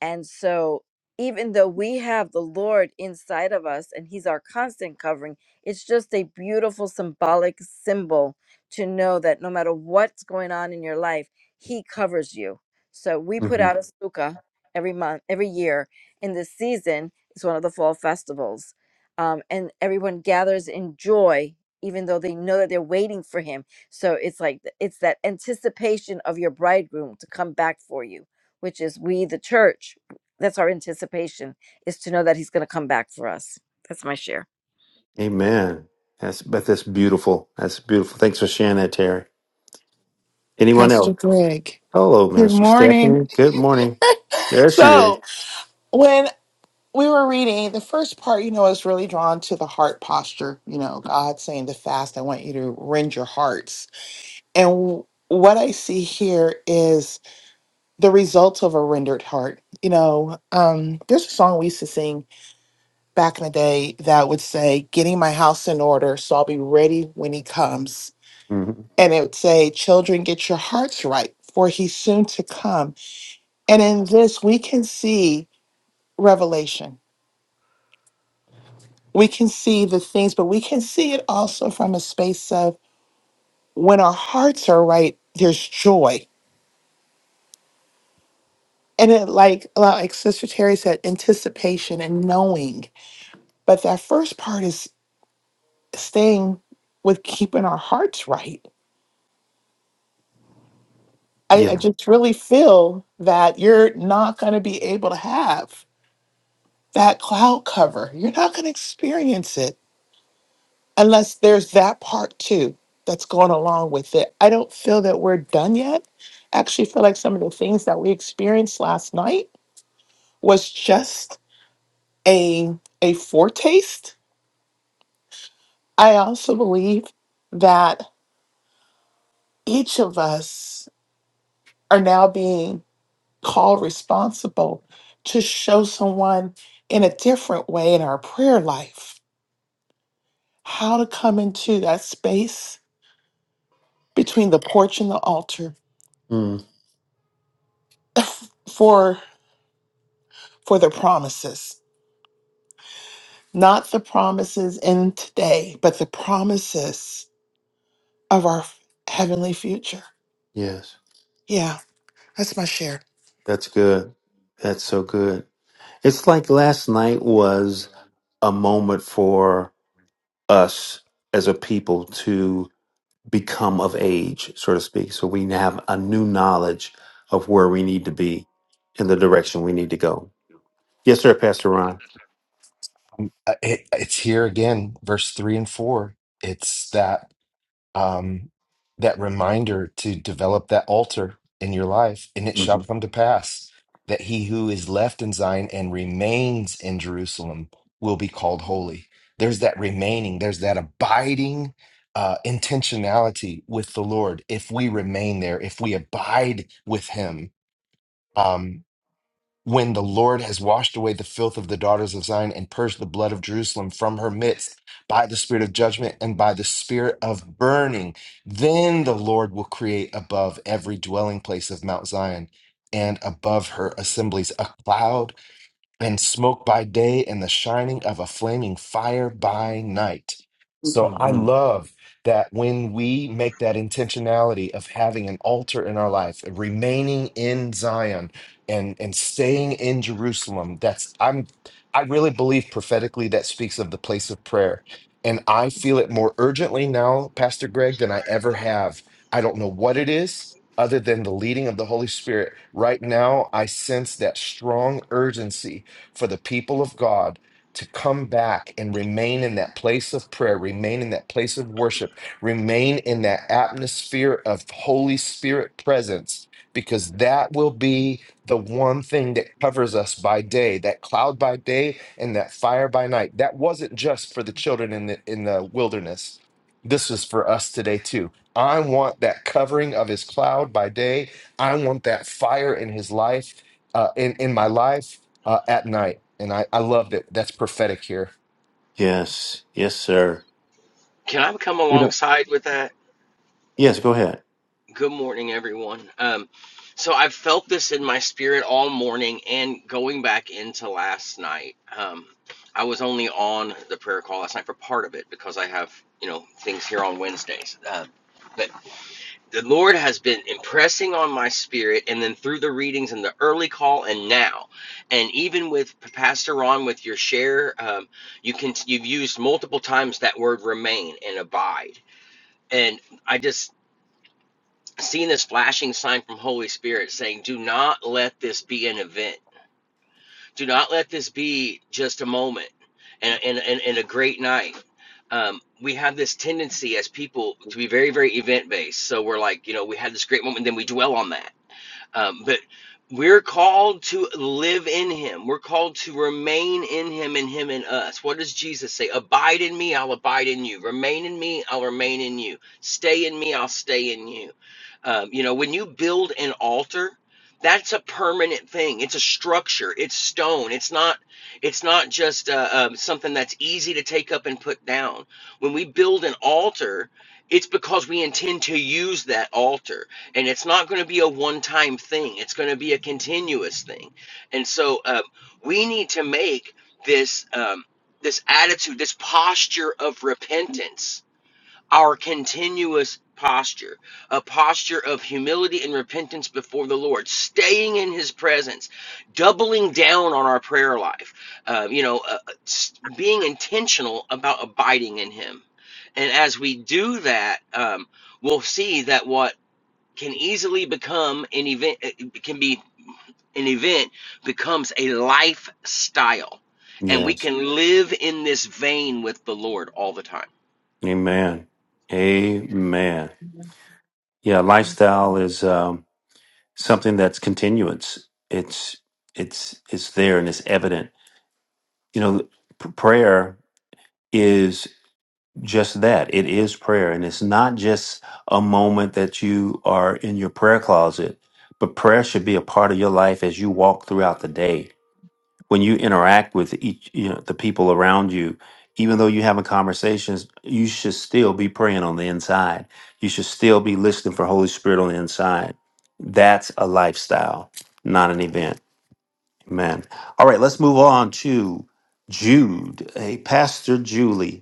Speaker 3: and so, even though we have the Lord inside of us and He's our constant covering, it's just a beautiful symbolic symbol to know that no matter what's going on in your life, He covers you. So, we put
Speaker 2: hmm
Speaker 3: out a sukkah every month, every year. In this season, it's one of the fall festivals. Um, and everyone gathers in joy, even though they know that they're waiting for Him. So, it's like it's that anticipation of your bridegroom to come back for you which is we, the church, that's our anticipation, is to know that He's going to come back for us. That's my share.
Speaker 2: Amen. That's but that's beautiful. That's beautiful. Thanks for sharing that, Terry. Anyone
Speaker 8: Pastor
Speaker 2: else?
Speaker 8: Greg.
Speaker 2: Hello,
Speaker 8: Good
Speaker 2: Minister
Speaker 8: morning.
Speaker 2: Stephanie. Good morning. There she is.
Speaker 8: So, when we were reading, the first part, you know, is really drawn to the heart posture. You know, God saying the fast, I want you to rend your hearts. And what I see here is the result of a rendered heart. You know, um, there's a song we used to sing back in the day that would say, Getting my house in order, so I'll be ready when he comes.
Speaker 2: hmm
Speaker 8: And it would say, Children, get your hearts right, for he's soon to come. And in this, we can see revelation. We can see the things, but we can see it also from a space of when our hearts are right, there's joy. And it like like Sister Terry said, anticipation and knowing. But that first part is staying with keeping our hearts right. I, I
Speaker 2: Yeah.
Speaker 8: just really feel that you're not gonna be able to have that cloud cover. You're not gonna experience it unless there's that part too that's going along with it. I don't feel that we're done yet. I actually feel like some of the things that we experienced last night was just a a foretaste. I also believe that each of us are now being called responsible to show someone in a different way in our prayer life how to come into that space between the porch and the altar
Speaker 2: Mm,
Speaker 8: for for the promises, not the promises in today, but the promises of our heavenly future.
Speaker 2: yes.
Speaker 8: Yeah, that's my share.
Speaker 2: That's good. That's so good. It's like last night was a moment for us as a people become of age, so to speak. So we have a new knowledge of where we need to be and the direction we need to go. Yes, sir, Pastor Ron.
Speaker 1: Mm, Uh, It, it's here again, verse three and four. It's that um, that reminder to develop that altar in your life, and it shall
Speaker 2: hmm
Speaker 1: come to pass that he who is left in Zion and remains in Jerusalem will be called holy. There's that remaining. There's that abiding uh, intentionality with the Lord. If we remain there, if we abide with Him, um, when the Lord has washed away the filth of the daughters of Zion and purged the blood of Jerusalem from her midst by the spirit of judgment and by the spirit of burning, then the Lord will create above every dwelling place of Mount Zion and above her assemblies a cloud and smoke by day and the shining of a flaming fire by night. So I
Speaker 2: hmm
Speaker 1: love that when we make that intentionality of having an altar in our life, remaining in Zion and and staying in Jerusalem, that's I'm I really believe prophetically that speaks of the place of prayer. And I feel it more urgently now, Pastor Greg, than I ever have. I don't know what it is other than the leading of the Holy Spirit. Right now, I sense that strong urgency for the people of God to come back and remain in that place of prayer, remain in that place of worship, remain in that atmosphere of Holy Spirit presence, because that will be the one thing that covers us by day, that cloud by day and that fire by night. That wasn't just for the children in the in the wilderness. This is for us today too. I want that covering of his cloud by day. I want that fire in his life, uh, in in my life uh, at night. And I, I loved it. That's prophetic here.
Speaker 2: Yes, yes, sir.
Speaker 9: Can I come alongside with that?
Speaker 2: Yes, go ahead.
Speaker 9: Good morning, everyone. Um, so I've felt this in my spirit all morning and going back into last night. Um, I was only on the prayer call last night for part of it because I have, you know, things here on Wednesdays. Uh, but the Lord has been impressing on my spirit, and then through the readings and the early call, and now, and even with Pastor Ron with your share, um, you can you've used multiple times that word remain and abide, and I just Seeing this flashing sign from Holy Spirit saying, "Do not let this be an event. Do not let this be just a moment and and and, and a great night." Um, we have this tendency as people to be very very event based. So we're like, you know, we had this great moment, then we dwell on that um, but we're called to live in him. We're called to remain in him and him in us. What does Jesus say? Abide in me, I'll abide in you. Remain in me, I'll remain in you. Stay in me, I'll stay in you. Um, you know, when you build an altar, that's a permanent thing. It's a structure. It's stone. It's not. It's not just uh, um, something that's easy to take up and put down. When we build an altar, it's because we intend to use that altar and it's not going to be a one-time thing it's going to be a continuous thing and so um, we need to make this um, this attitude this posture of repentance our continuous posture a posture of humility and repentance before the lord staying in his presence doubling down on our prayer life uh, you know uh, uh, being intentional about abiding in him and as we do that um, we'll see that what can easily become an event can be an event becomes a lifestyle and we
Speaker 2: Yes,
Speaker 9: can live in this vein with the lord all the time
Speaker 2: amen, amen.
Speaker 10: Amen.
Speaker 2: Yeah, lifestyle is um, something that's continuance. It's it's it's there and it's evident. You know, p- prayer is. just that. It is prayer. And it's not just a moment that you are in your prayer closet, but prayer should be a part of your life as you walk throughout the day. When you interact with each, you know, the people around you, even though you're having conversations, you should still be praying on the inside. You should still be listening for Holy Spirit on the inside. That's a lifestyle, not an event. Amen. All right, let's move on to Jude. Hey, Pastor Julie.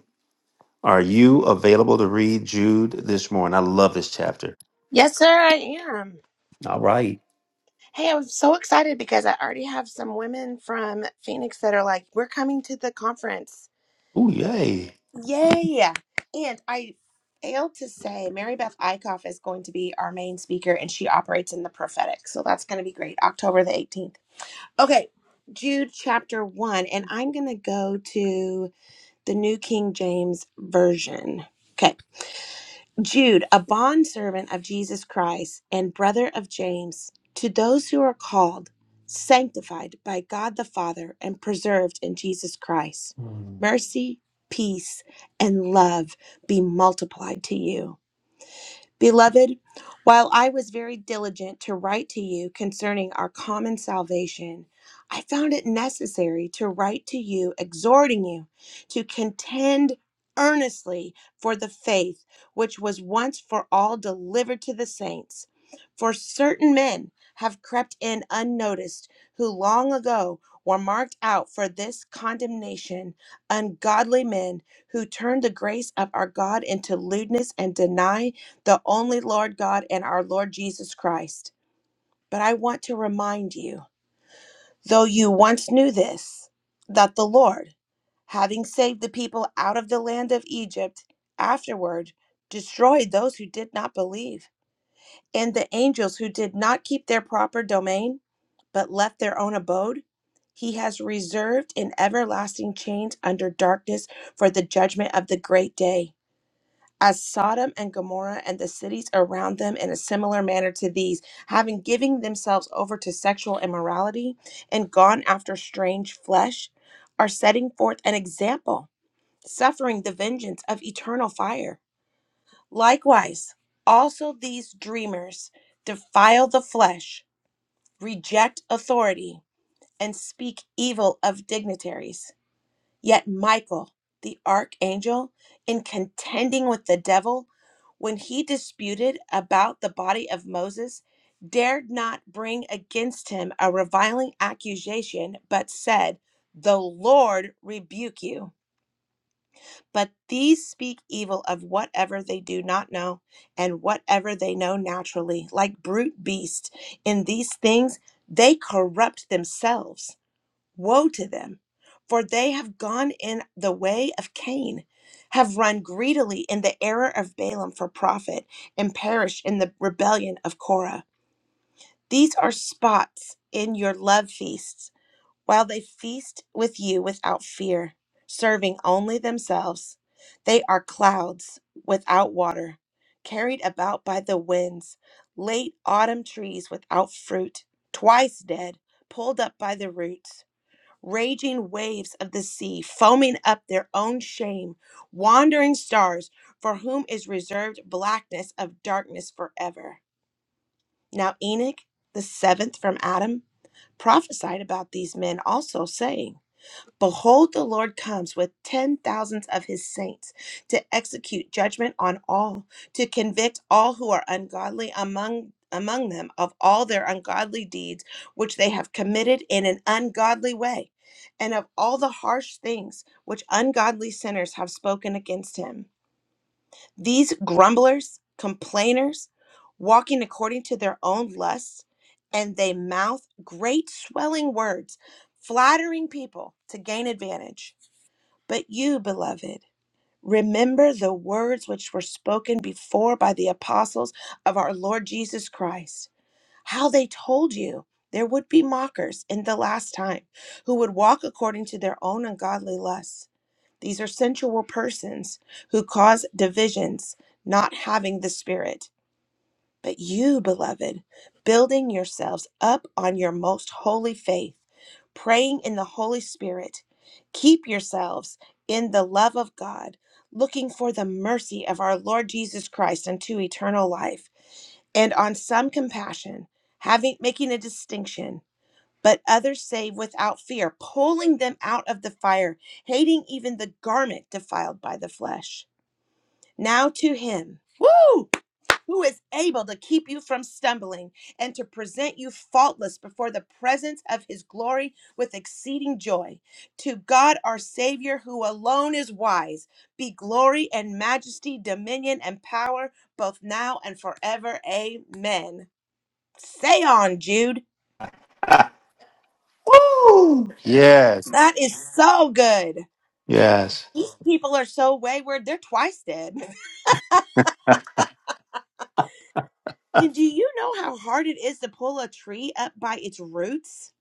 Speaker 2: Are you available to read Jude this morning? I love this chapter.
Speaker 11: Yes, sir, I am.
Speaker 2: All right.
Speaker 11: Hey, I'm so excited because I already have some women from Phoenix that are like, we're coming to the conference.
Speaker 2: Ooh, yay.
Speaker 11: Yay! And I failed to say, Mary Beth Eichhoff is going to be our main speaker and she operates in the prophetic. So that's going to be great. October the 18th. Okay, Jude chapter 1. And I'm going to go to the New King James Version. Okay. Jude, a bondservant of Jesus Christ and brother of James, to those who are called, sanctified by God the Father, and preserved in Jesus Christ,
Speaker 2: Mm.
Speaker 11: mercy, peace, and love be multiplied to you. Beloved, while I was very diligent to write to you concerning our common salvation, I found it necessary to write to you exhorting you to contend earnestly for the faith which was once for all delivered to the saints. For certain men have crept in unnoticed who long ago were marked out for this condemnation, ungodly men who turned the grace of our God into lewdness and deny the only Lord God and our Lord Jesus Christ. But I want to remind you, though you once knew this, that the Lord, having saved the people out of the land of Egypt, afterward destroyed those who did not believe, and the angels who did not keep their proper domain, but left their own abode. He has reserved in everlasting chains under darkness for the judgment of the great day as Sodom and Gomorrah and the cities around them in a similar manner to these, having given themselves over to sexual immorality and gone after strange flesh, are setting forth an example, suffering the vengeance of eternal fire. Likewise, also these dreamers defile the flesh, reject authority, and speak evil of dignitaries. Yet Michael, the archangel, in contending with the devil, when he disputed about the body of Moses, dared not bring against him a reviling accusation, but said, The Lord rebuke you. But these speak evil of whatever they do not know, and whatever they know naturally, like brute beasts. In these things, they corrupt themselves. Woe to them, for they have gone in the way of Cain, have run greedily in the error of Balaam for profit, and perished in the rebellion of Korah. These are spots in your love feasts, while they feast with you without fear, serving only themselves. They are clouds without water, carried about by the winds, late autumn trees without fruit, twice dead, pulled up by the roots raging waves of the sea, foaming up their own shame, wandering stars, for whom is reserved blackness of darkness forever. Now, Enoch, the seventh from Adam, prophesied about these men also, saying, Behold, the Lord comes with ten thousands of his saints to execute judgment on all, to convict all who are ungodly among among them of all their ungodly deeds which they have committed in an ungodly way, and of all the harsh things which ungodly sinners have spoken against him. These grumblers, complainers, walking according to their own lusts, and they mouth great swelling words, flattering people to gain advantage. But you, beloved, remember the words which were spoken before by the apostles of our Lord Jesus Christ, how they told you there would be mockers in the last time who would walk according to their own ungodly lusts these are sensual persons who cause divisions, not having the Spirit. But you, beloved, building yourselves up on your most holy faith, praying in the Holy Spirit, keep yourselves in the love of God, looking for the mercy of our Lord Jesus Christ unto eternal life, and on some compassion, having making a distinction but others say without fear, pulling them out of the fire, hating even the garment defiled by the flesh. Now to him, woo, who is able to keep you from stumbling and to present you faultless before the presence of his glory with exceeding joy. To God our Savior, who alone is wise, be glory and majesty, dominion and power, both now and forever. Amen. Say on, Jude.
Speaker 2: Ah, Woo! Yes.
Speaker 11: That is so good.
Speaker 2: Yes.
Speaker 11: These people are so wayward, they're twice dead. And do you know how hard it is to pull a tree up by its roots?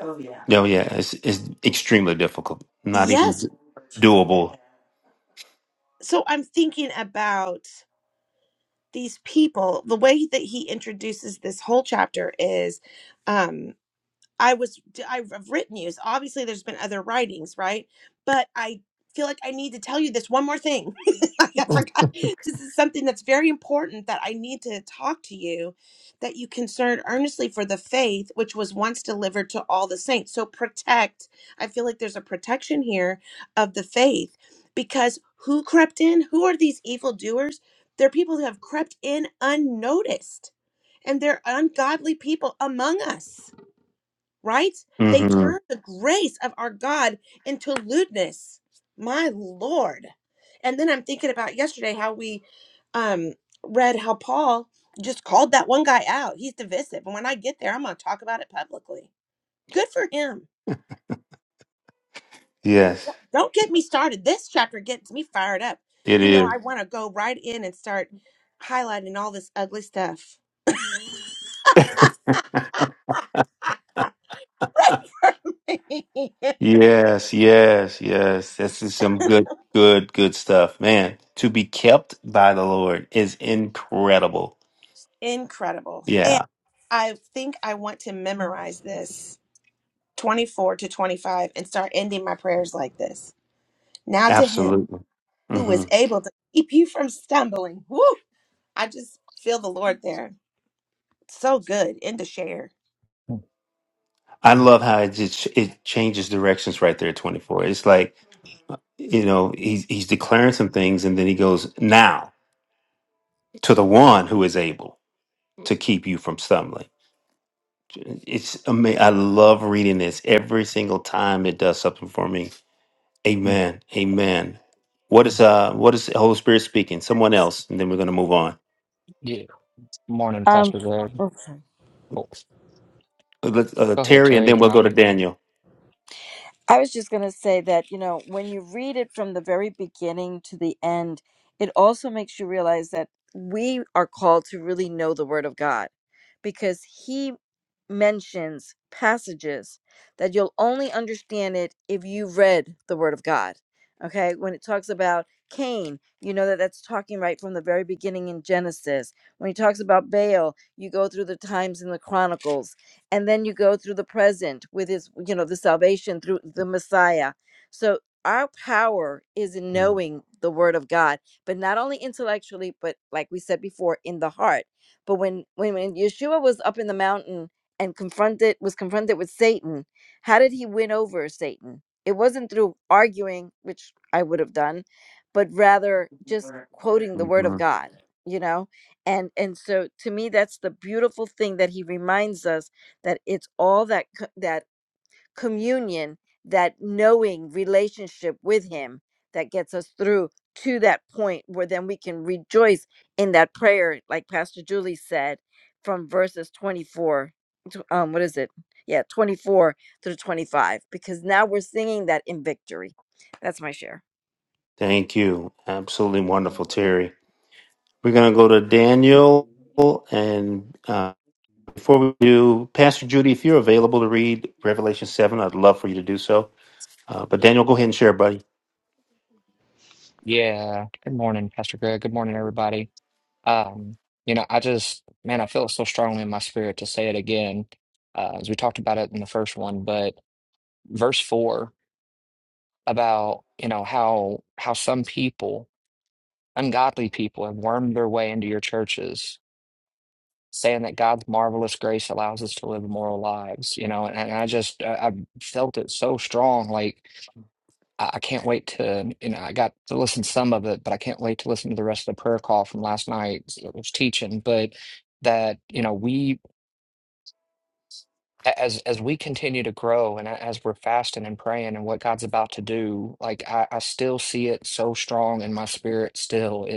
Speaker 2: Oh yeah, Oh yeah. it's it's extremely difficult. Not
Speaker 11: Yes.
Speaker 2: even doable.
Speaker 11: So I'm thinking about these people. The way that he introduces this whole chapter is um I was I've I've written you. So obviously, there's been other writings, right? But I feel like I need to tell you this one more thing. I forgot. This is something that's very important that I need to talk to you. That you concerned earnestly for the faith which was once delivered to all the saints. So protect. I feel like there's a protection here of the faith because who crept in? Who are these evil doers? They're people who have crept in unnoticed, and they're ungodly people among us right? They
Speaker 2: hmm
Speaker 11: turn the grace of our God into lewdness. My Lord. And then I'm thinking about yesterday how we um read how Paul just called that one guy out. He's divisive. And when I get there, I'm gonna talk about it publicly. Good for him.
Speaker 2: Yes,
Speaker 11: Don't get me started. This chapter gets me fired up.
Speaker 2: it
Speaker 11: You know,
Speaker 2: is.
Speaker 11: I want to go right in and start highlighting all this ugly stuff. Pray for me.
Speaker 2: Yes, yes, yes. This is some good, good, good stuff, man. To be kept by the Lord is incredible.
Speaker 11: Incredible. And
Speaker 2: Yeah,
Speaker 11: I think I want to memorize this 24 to 25 and start ending my prayers like this. Now to him
Speaker 2: absolutely.
Speaker 11: who
Speaker 2: Mm-hmm.
Speaker 11: is able to keep you from stumbling. Woo! I just feel the Lord there. So good. And to share.
Speaker 2: I love how it just it changes directions right there at 24. It's like, you know, he's he's declaring some things and then he goes, "Now to the one who is able to keep you from stumbling." It's amazing. I love reading this every single time it does something for me.
Speaker 12: Mm.
Speaker 2: Amen. Amen. What is uh what is the Holy Spirit speaking? Someone else and then we're going to move on.
Speaker 12: Yeah. Morning,
Speaker 3: Um,
Speaker 12: Pastor Greg.
Speaker 3: okay.
Speaker 12: Oh,
Speaker 2: Uh, Let's, uh,
Speaker 12: go ahead,
Speaker 2: Terry and
Speaker 12: Terry.
Speaker 2: then
Speaker 12: Then
Speaker 2: we'll go to
Speaker 12: I'm.
Speaker 2: Daniel.
Speaker 3: I was just going to say that, you know, when you read it from the very beginning to the end, it also makes you realize that we are called to really know the Word of God because He mentions, passages that you'll only understand it if you read the Word of God. Okay, when it talks about Cain, you know that that's talking right from the very beginning in Genesis. When he talks about Baal, you go through the times in the Chronicles, and then you go through the present with his, you know, the salvation through the Messiah. So our power is in knowing the Word of God, but not only intellectually, but like we said before, in the heart. But when when, when Yeshua was up in the mountain and confronted was confronted with Satan, how did he win over Satan? It wasn't through arguing, which I would have done, but rather just quoting the word of
Speaker 2: hmm
Speaker 3: God, you know? And and so to me that's the beautiful thing that he reminds us that it's all that co- that communion, that knowing relationship with Him that gets us through to that point where then we can rejoice in that prayer, like Pastor Julie said, from verses 24. to- Um, what is it? Yeah, 24 through 25, because now we're singing that in victory. That's my share.
Speaker 2: Thank you. Absolutely wonderful, Terry. We're going to go to Daniel. And uh, before we do, Pastor Judy, if you're available to read Revelation 7, I'd love for you to do so. Uh, but Daniel, go ahead and share, buddy.
Speaker 12: Yeah. Good morning, Pastor Greg. Good morning, everybody. Um, you know, I just, man, I feel it so strongly in my spirit to say it again, uh, as we talked about it in the first one, but verse four about, you know, how how some people, ungodly people, have wormed their way into your churches, saying that God's marvelous grace allows us to live immoral lives, you know, and, and I just, I, I felt it so strong, like. I, I can't wait to, you know, I got to listen to some of it, but I can't wait to listen to the rest of the prayer call from last night's was teaching. But that, you know, we a- as as we continue to grow and a- as we're fasting and praying and what God's about to do, like I, I still see it so strong in my spirit still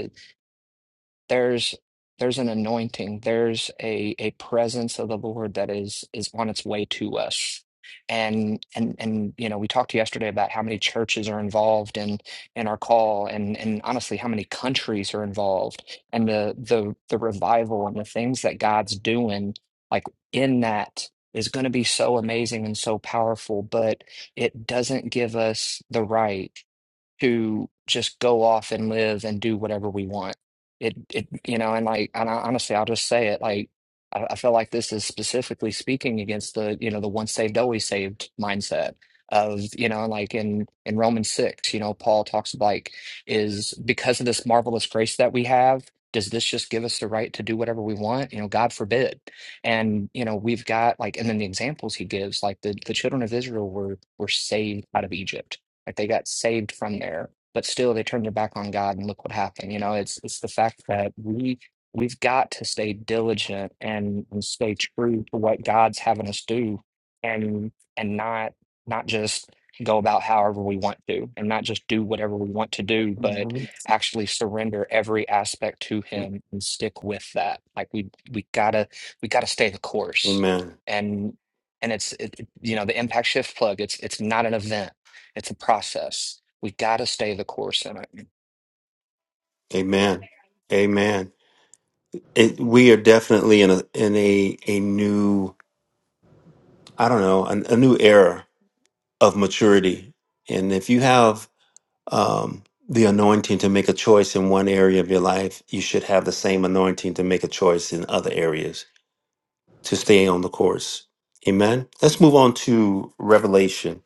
Speaker 12: there's there's an anointing there's a a presence of the lord that is is on its way to us and and and you know we talked yesterday about how many churches are involved in in our call and and honestly how many countries are involved and the the the revival and the things that god's doing like in that is going to be so amazing and so powerful but it doesn't give us the right to just go off and live and do whatever we want. It, it, you know, and like, and I, honestly, I'll just say it. Like, I, I feel like this is specifically speaking against the, you know, the once saved, always saved mindset of, you know, like in in Romans six, you know, Paul talks like is because of this marvelous grace that we have. Does this just give us the right to do whatever we want? You know, God forbid. And you know, we've got like, and then the examples he gives, like the the children of Israel were were saved out of Egypt like they got saved from there, but still they turned their back on God and look what happened. You know, it's it's the fact that we we've got to stay diligent and, and stay true to what God's having us do and and not not just go about however we want to and not just do whatever we want to do, but
Speaker 2: Mhm.
Speaker 12: actually surrender every aspect to him and stick with that. Like we we gotta we gotta stay the course.
Speaker 2: Amen.
Speaker 12: And and it's it, it- you know the impact shift plug it's it's not an event it's a process. We got to stay the course in it.
Speaker 2: Amen. Amen. It, we are definitely in a in a a new I don't know a, a new era of maturity, and if you have um, the anointing to make a choice in one area of your life, you should have the same anointing to make a choice in other areas to stay on the course. Amen. Let's move on to Revelation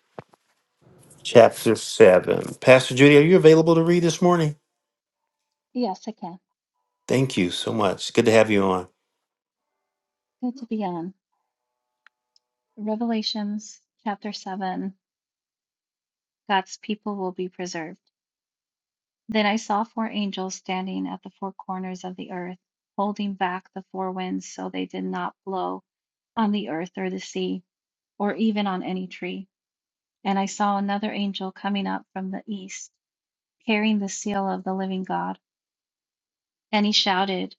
Speaker 2: chapter 7. Pastor Judy, are you available to read this morning?
Speaker 13: Yes, I can.
Speaker 2: Thank you so much. Good to have you on.
Speaker 13: Good to be on. Revelations chapter 7 God's people will be preserved. Then I saw four angels standing at the four corners of the earth, holding back the four winds so they did not blow on the earth or the sea, or even on any tree. And I saw another angel coming up from the east, carrying the seal of the living God. And he shouted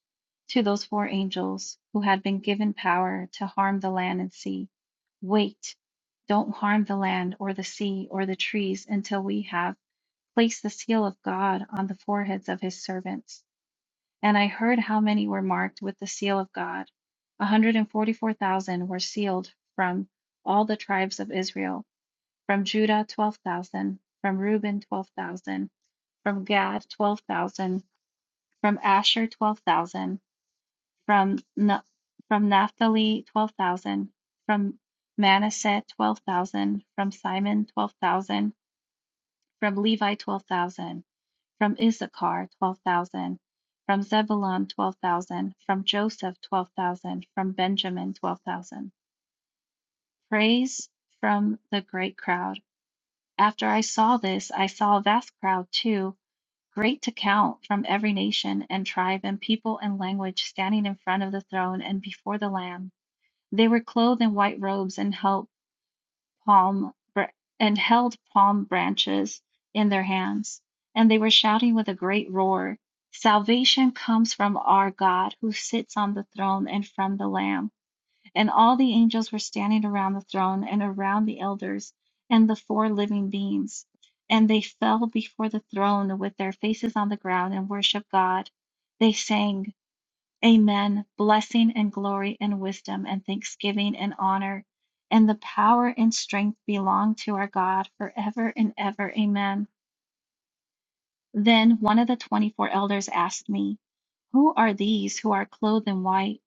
Speaker 13: to those four angels who had been given power to harm the land and sea Wait, don't harm the land or the sea or the trees until we have placed the seal of God on the foreheads of his servants. And I heard how many were marked with the seal of God. 144,000 were sealed from all the tribes of Israel, from Judah 12,000, from Reuben 12,000, from Gad 12,000, from Asher 12,000 from Na- from Naphtali twelve thousand, from Manasseh twelve thousand, from Simon twelve thousand, from Levi twelve thousand, from Issachar twelve thousand, from Zebulun twelve thousand, from Joseph twelve thousand, from Benjamin twelve thousand. Praise from the great crowd. After I saw this, I saw a vast crowd too, great to count, from every nation and tribe and people and language, standing in front of the throne and before the Lamb. They were clothed in white robes and held palm and held palm branches in their hands, and they were shouting with a great roar, "Salvation comes from our God who sits on the throne and from the Lamb." And all the angels were standing around the throne and around the elders and the four living beings, and they fell before the throne with their faces on the ground and worshiped God. They sang. Amen. Blessing and glory and wisdom and thanksgiving and honor and the power and strength belong to our God forever and ever. Amen. Then one of the 24 elders asked me, Who are these who are clothed in white?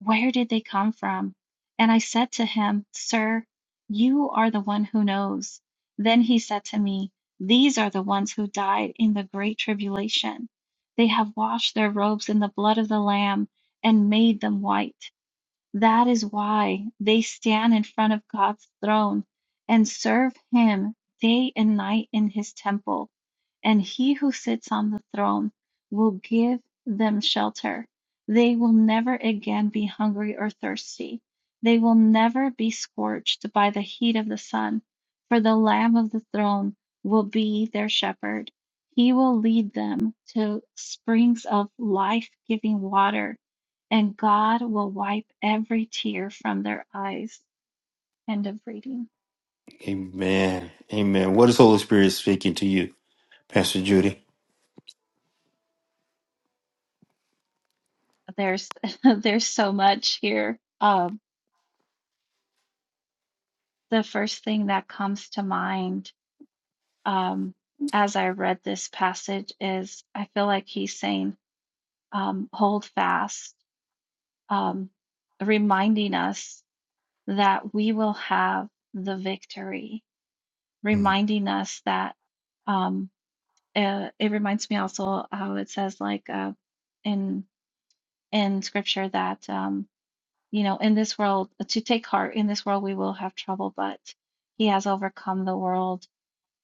Speaker 13: Where did they come from? And I said to him, Sir, you are the one who knows. Then he said to me, These are the ones who died in the great tribulation. They have washed their robes in the blood of the Lamb and made them white. That is why they stand in front of God's throne and serve Him day and night in His temple. And He who sits on the throne will give them shelter. They will never again be hungry or thirsty. They will never be scorched by the heat of the sun, for the Lamb of the throne will be their shepherd. He will lead them to springs of life giving water and God will wipe every tear from their eyes. End of reading.
Speaker 2: Amen. Amen. What is Holy Spirit speaking to you, Pastor Judy?
Speaker 13: There's there's so much here. Um, the first thing that comes to mind um, as I read this passage is I feel like he's saying, um, hold fast, um, reminding us that we will have the victory,
Speaker 2: Mm,
Speaker 13: reminding us that um, uh, it reminds me also how it says like uh, in in scripture that um, you know in this world to take heart in this world we will have trouble but he has overcome the world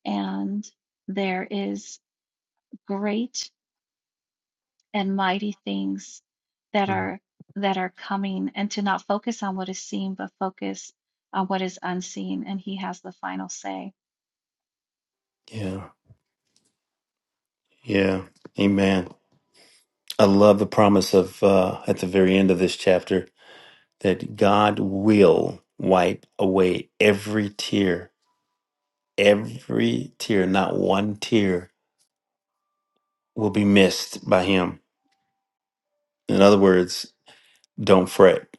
Speaker 13: and there is great and mighty things that
Speaker 2: mhm.
Speaker 13: are that are coming and to not focus on what is seen but focus on what is unseen and he has the final say
Speaker 2: Yeah. Yeah. Amen. I love the promise of uh, at the very end of this chapter that God will wipe away every tear, every tear, not one tear will be missed by him. In other words, don't fret,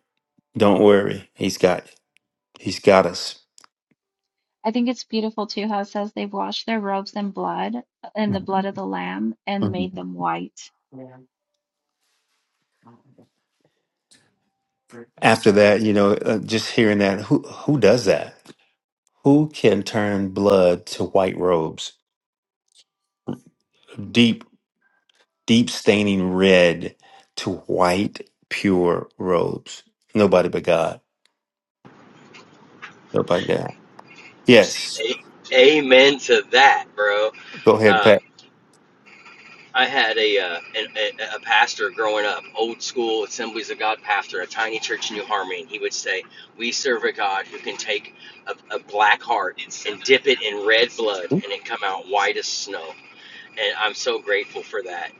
Speaker 2: don't worry. He's got he's got us.
Speaker 13: i think it's beautiful too how it says they've washed their robes in blood in the blood
Speaker 2: Mhm.
Speaker 13: of the lamb and made
Speaker 2: Mhm.
Speaker 13: them white
Speaker 2: After that, you know, uh, just hearing that who who does that? Who can turn blood to white robes? Deep deep staining red to white pure robes. Nobody but God. Nobody but God.
Speaker 9: proceed
Speaker 2: Yes.
Speaker 9: to Amen to that, bro.
Speaker 2: Go ahead,
Speaker 9: Um,
Speaker 2: Pat.
Speaker 9: I had a, uh, a a pastor growing up, old school Assemblies of God pastor, a tiny church in New Harmony, and he would say, "We serve a God who can take a, a black heart and dip it in red blood, and it come out white as snow." and I'm so grateful for that.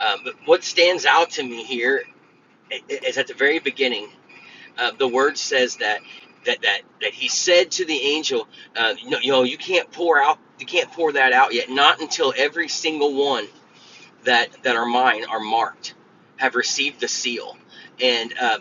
Speaker 9: Um, but what stands out to me here is at the very beginning, uh, the word says that that that that he said to the angel, uh, you, know, you know, you can't pour out, you can't pour that out yet, not until every single one that that are mine are marked, have received the seal, and uh,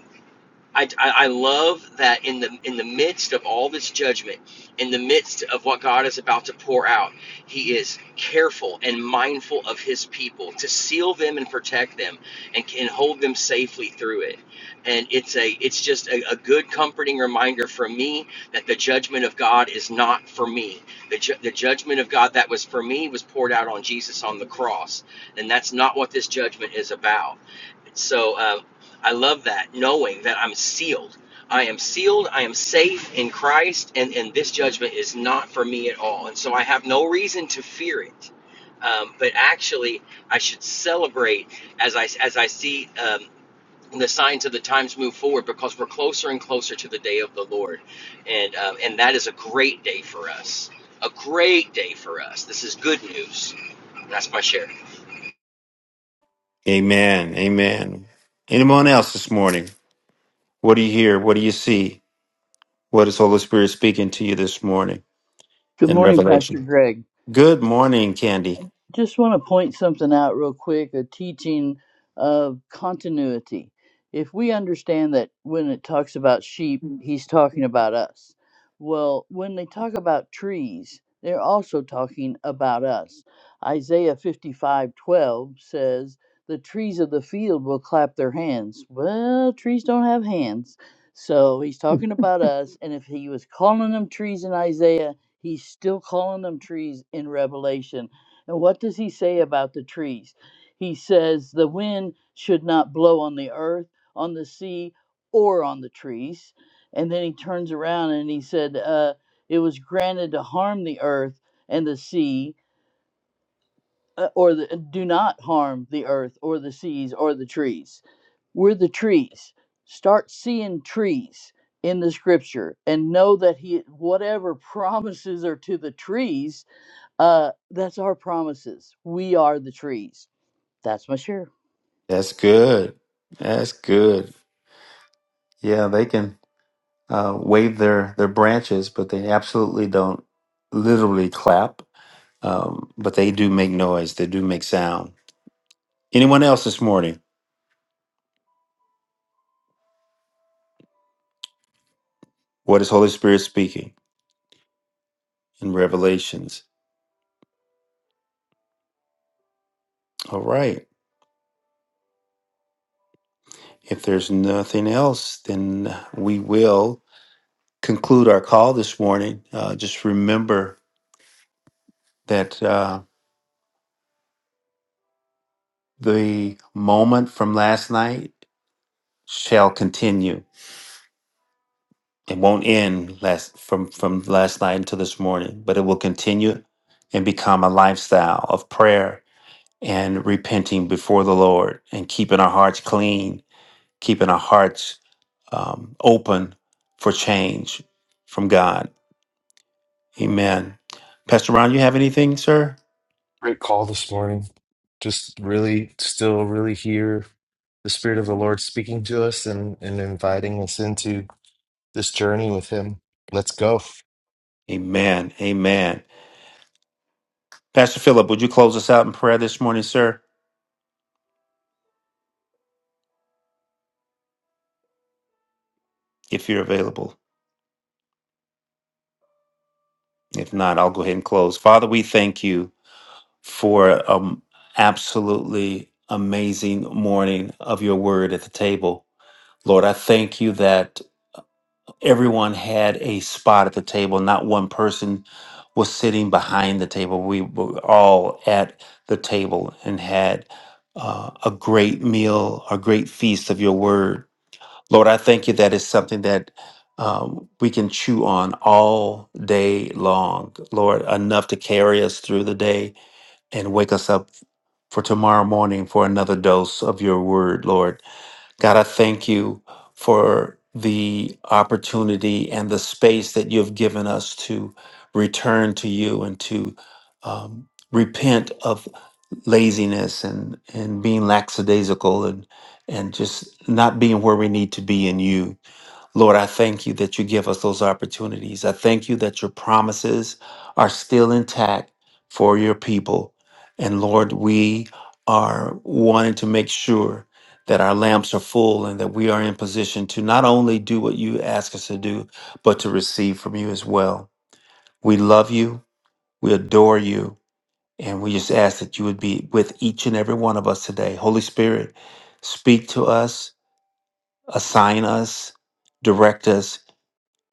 Speaker 9: I, I, I love that in the in the midst of all this judgment, in the midst of what God is about to pour out, He is careful and mindful of His people to seal them and protect them, and can hold them safely through it. And it's a it's just a, a good comforting reminder for me that the judgment of God is not for me. The ju- the judgment of God that was for me was poured out on Jesus on the cross, and that's not what this judgment is about so um, I love that, knowing that I'm sealed. I am sealed. I am safe in Christ, and, and this judgment is not for me at all. And so I have no reason to fear it. Um, but actually, I should celebrate as I, as I see um, the signs of the times move forward because we're closer and closer to the day of the Lord. And, um, and that is a great day for us. A great day for us. This is good news. That's my share.
Speaker 2: Amen. Amen. Anyone else this morning? What do you hear? What do you see? What is Holy Spirit speaking to you this morning
Speaker 14: Good
Speaker 2: in
Speaker 14: morning, Pastor
Speaker 2: Revelation?
Speaker 14: Greg
Speaker 2: Good morning, Candy.
Speaker 14: just want to point something out real quick a teaching of continuity. If we understand that when it talks about sheep, he's talking about us. Well, when they talk about trees, they're also talking about us. Isaiah 55 12 says, The trees of the field will clap their hands. Well, trees don't have hands. So he's talking about us. And if he was calling them trees in Isaiah, he's still calling them trees in Revelation and what does he say about the trees? He says the wind should not blow on the earth, on the sea, or on the trees. And then he turns around and he said, uh, It was granted to harm the earth and the sea, uh, or the, do not harm the earth or the seas or the trees. We're the trees. Start seeing trees in the scripture and know that he whatever promises are to the trees uh, that's our promises. We are the trees. That's my share.
Speaker 2: That's good. That's good. Yeah, they can uh, wave their, their branches, but they absolutely don't literally clap. Um, but they do make noise, they do make sound. Anyone else this morning? What is Holy Spirit speaking in Revelations? All right. If there's nothing else, then we will conclude our call this morning. Uh, just remember that uh, the moment from last night shall continue. It won't end last from from last night until this morning, but it will continue and become a lifestyle of prayer and repenting before the Lord and keeping our hearts clean, keeping our hearts um, open for change from God Amen. Pastor Ron, you have anything, sir?
Speaker 1: Great call this morning. Just really, still really hear the Spirit of the Lord speaking to us and, and inviting us into this journey with Him. Let's go.
Speaker 2: Amen. Amen. Pastor Philip, would you close us out in prayer this morning, sir, if you're available? If not, I'll go ahead and close. Father, we thank you for um absolutely amazing morning of your word at the table. Lord, I thank you that everyone had a spot at the table. Not one person was sitting behind the table. We were all at the table and had uh, a great meal, a great feast of your word. Lord, I thank you that is something that um, we can chew on all day long. Lord, enough to carry us through the day and wake us up for tomorrow morning for another dose of your word, Lord. God, I thank you for the opportunity and the space that you've given us to return to you and to um, repent of laziness and, and being lackadaisical and, and just not being where we need to be in you. Lord, I thank you that you give us those opportunities. I thank you that your promises are still intact for your people. And Lord, we are wanting to make sure that our lamps are full and that we are in position to not only do what you ask us to do, but to receive from you as well. We love you, we adore you, and we just ask that you would be with each and every one of us today. Holy Spirit, speak to us, assign us, direct us,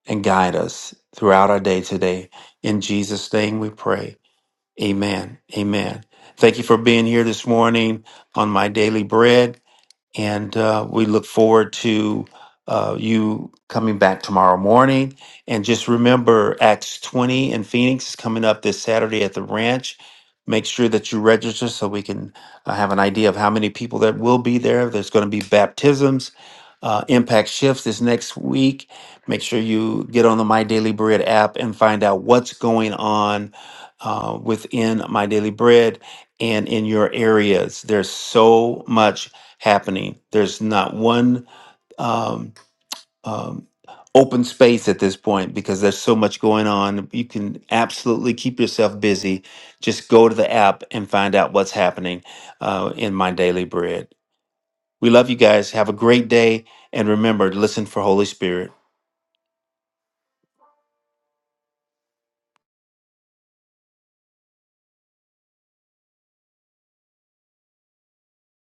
Speaker 2: and guide us throughout our day today. In Jesus' name we pray. Amen. Amen. Thank you for being here this morning on My Daily Bread. And uh, we look forward to uh, you coming back tomorrow morning. And just remember, Acts 20 in Phoenix is coming up this Saturday at the ranch. Make sure that you register so we can uh, have an idea of how many people that will be there. There's going to be baptisms. Uh, Impact Shifts is next week. Make sure you get on the My Daily Bread app and find out what's going on uh, within My Daily Bread and in your areas. There's so much happening. There's not one um, um, open space at this point because there's so much going on. You can absolutely keep yourself busy. Just go to the app and find out what's happening uh, in My Daily Bread. We love you guys. Have a great day. And remember, listen for Holy Spirit.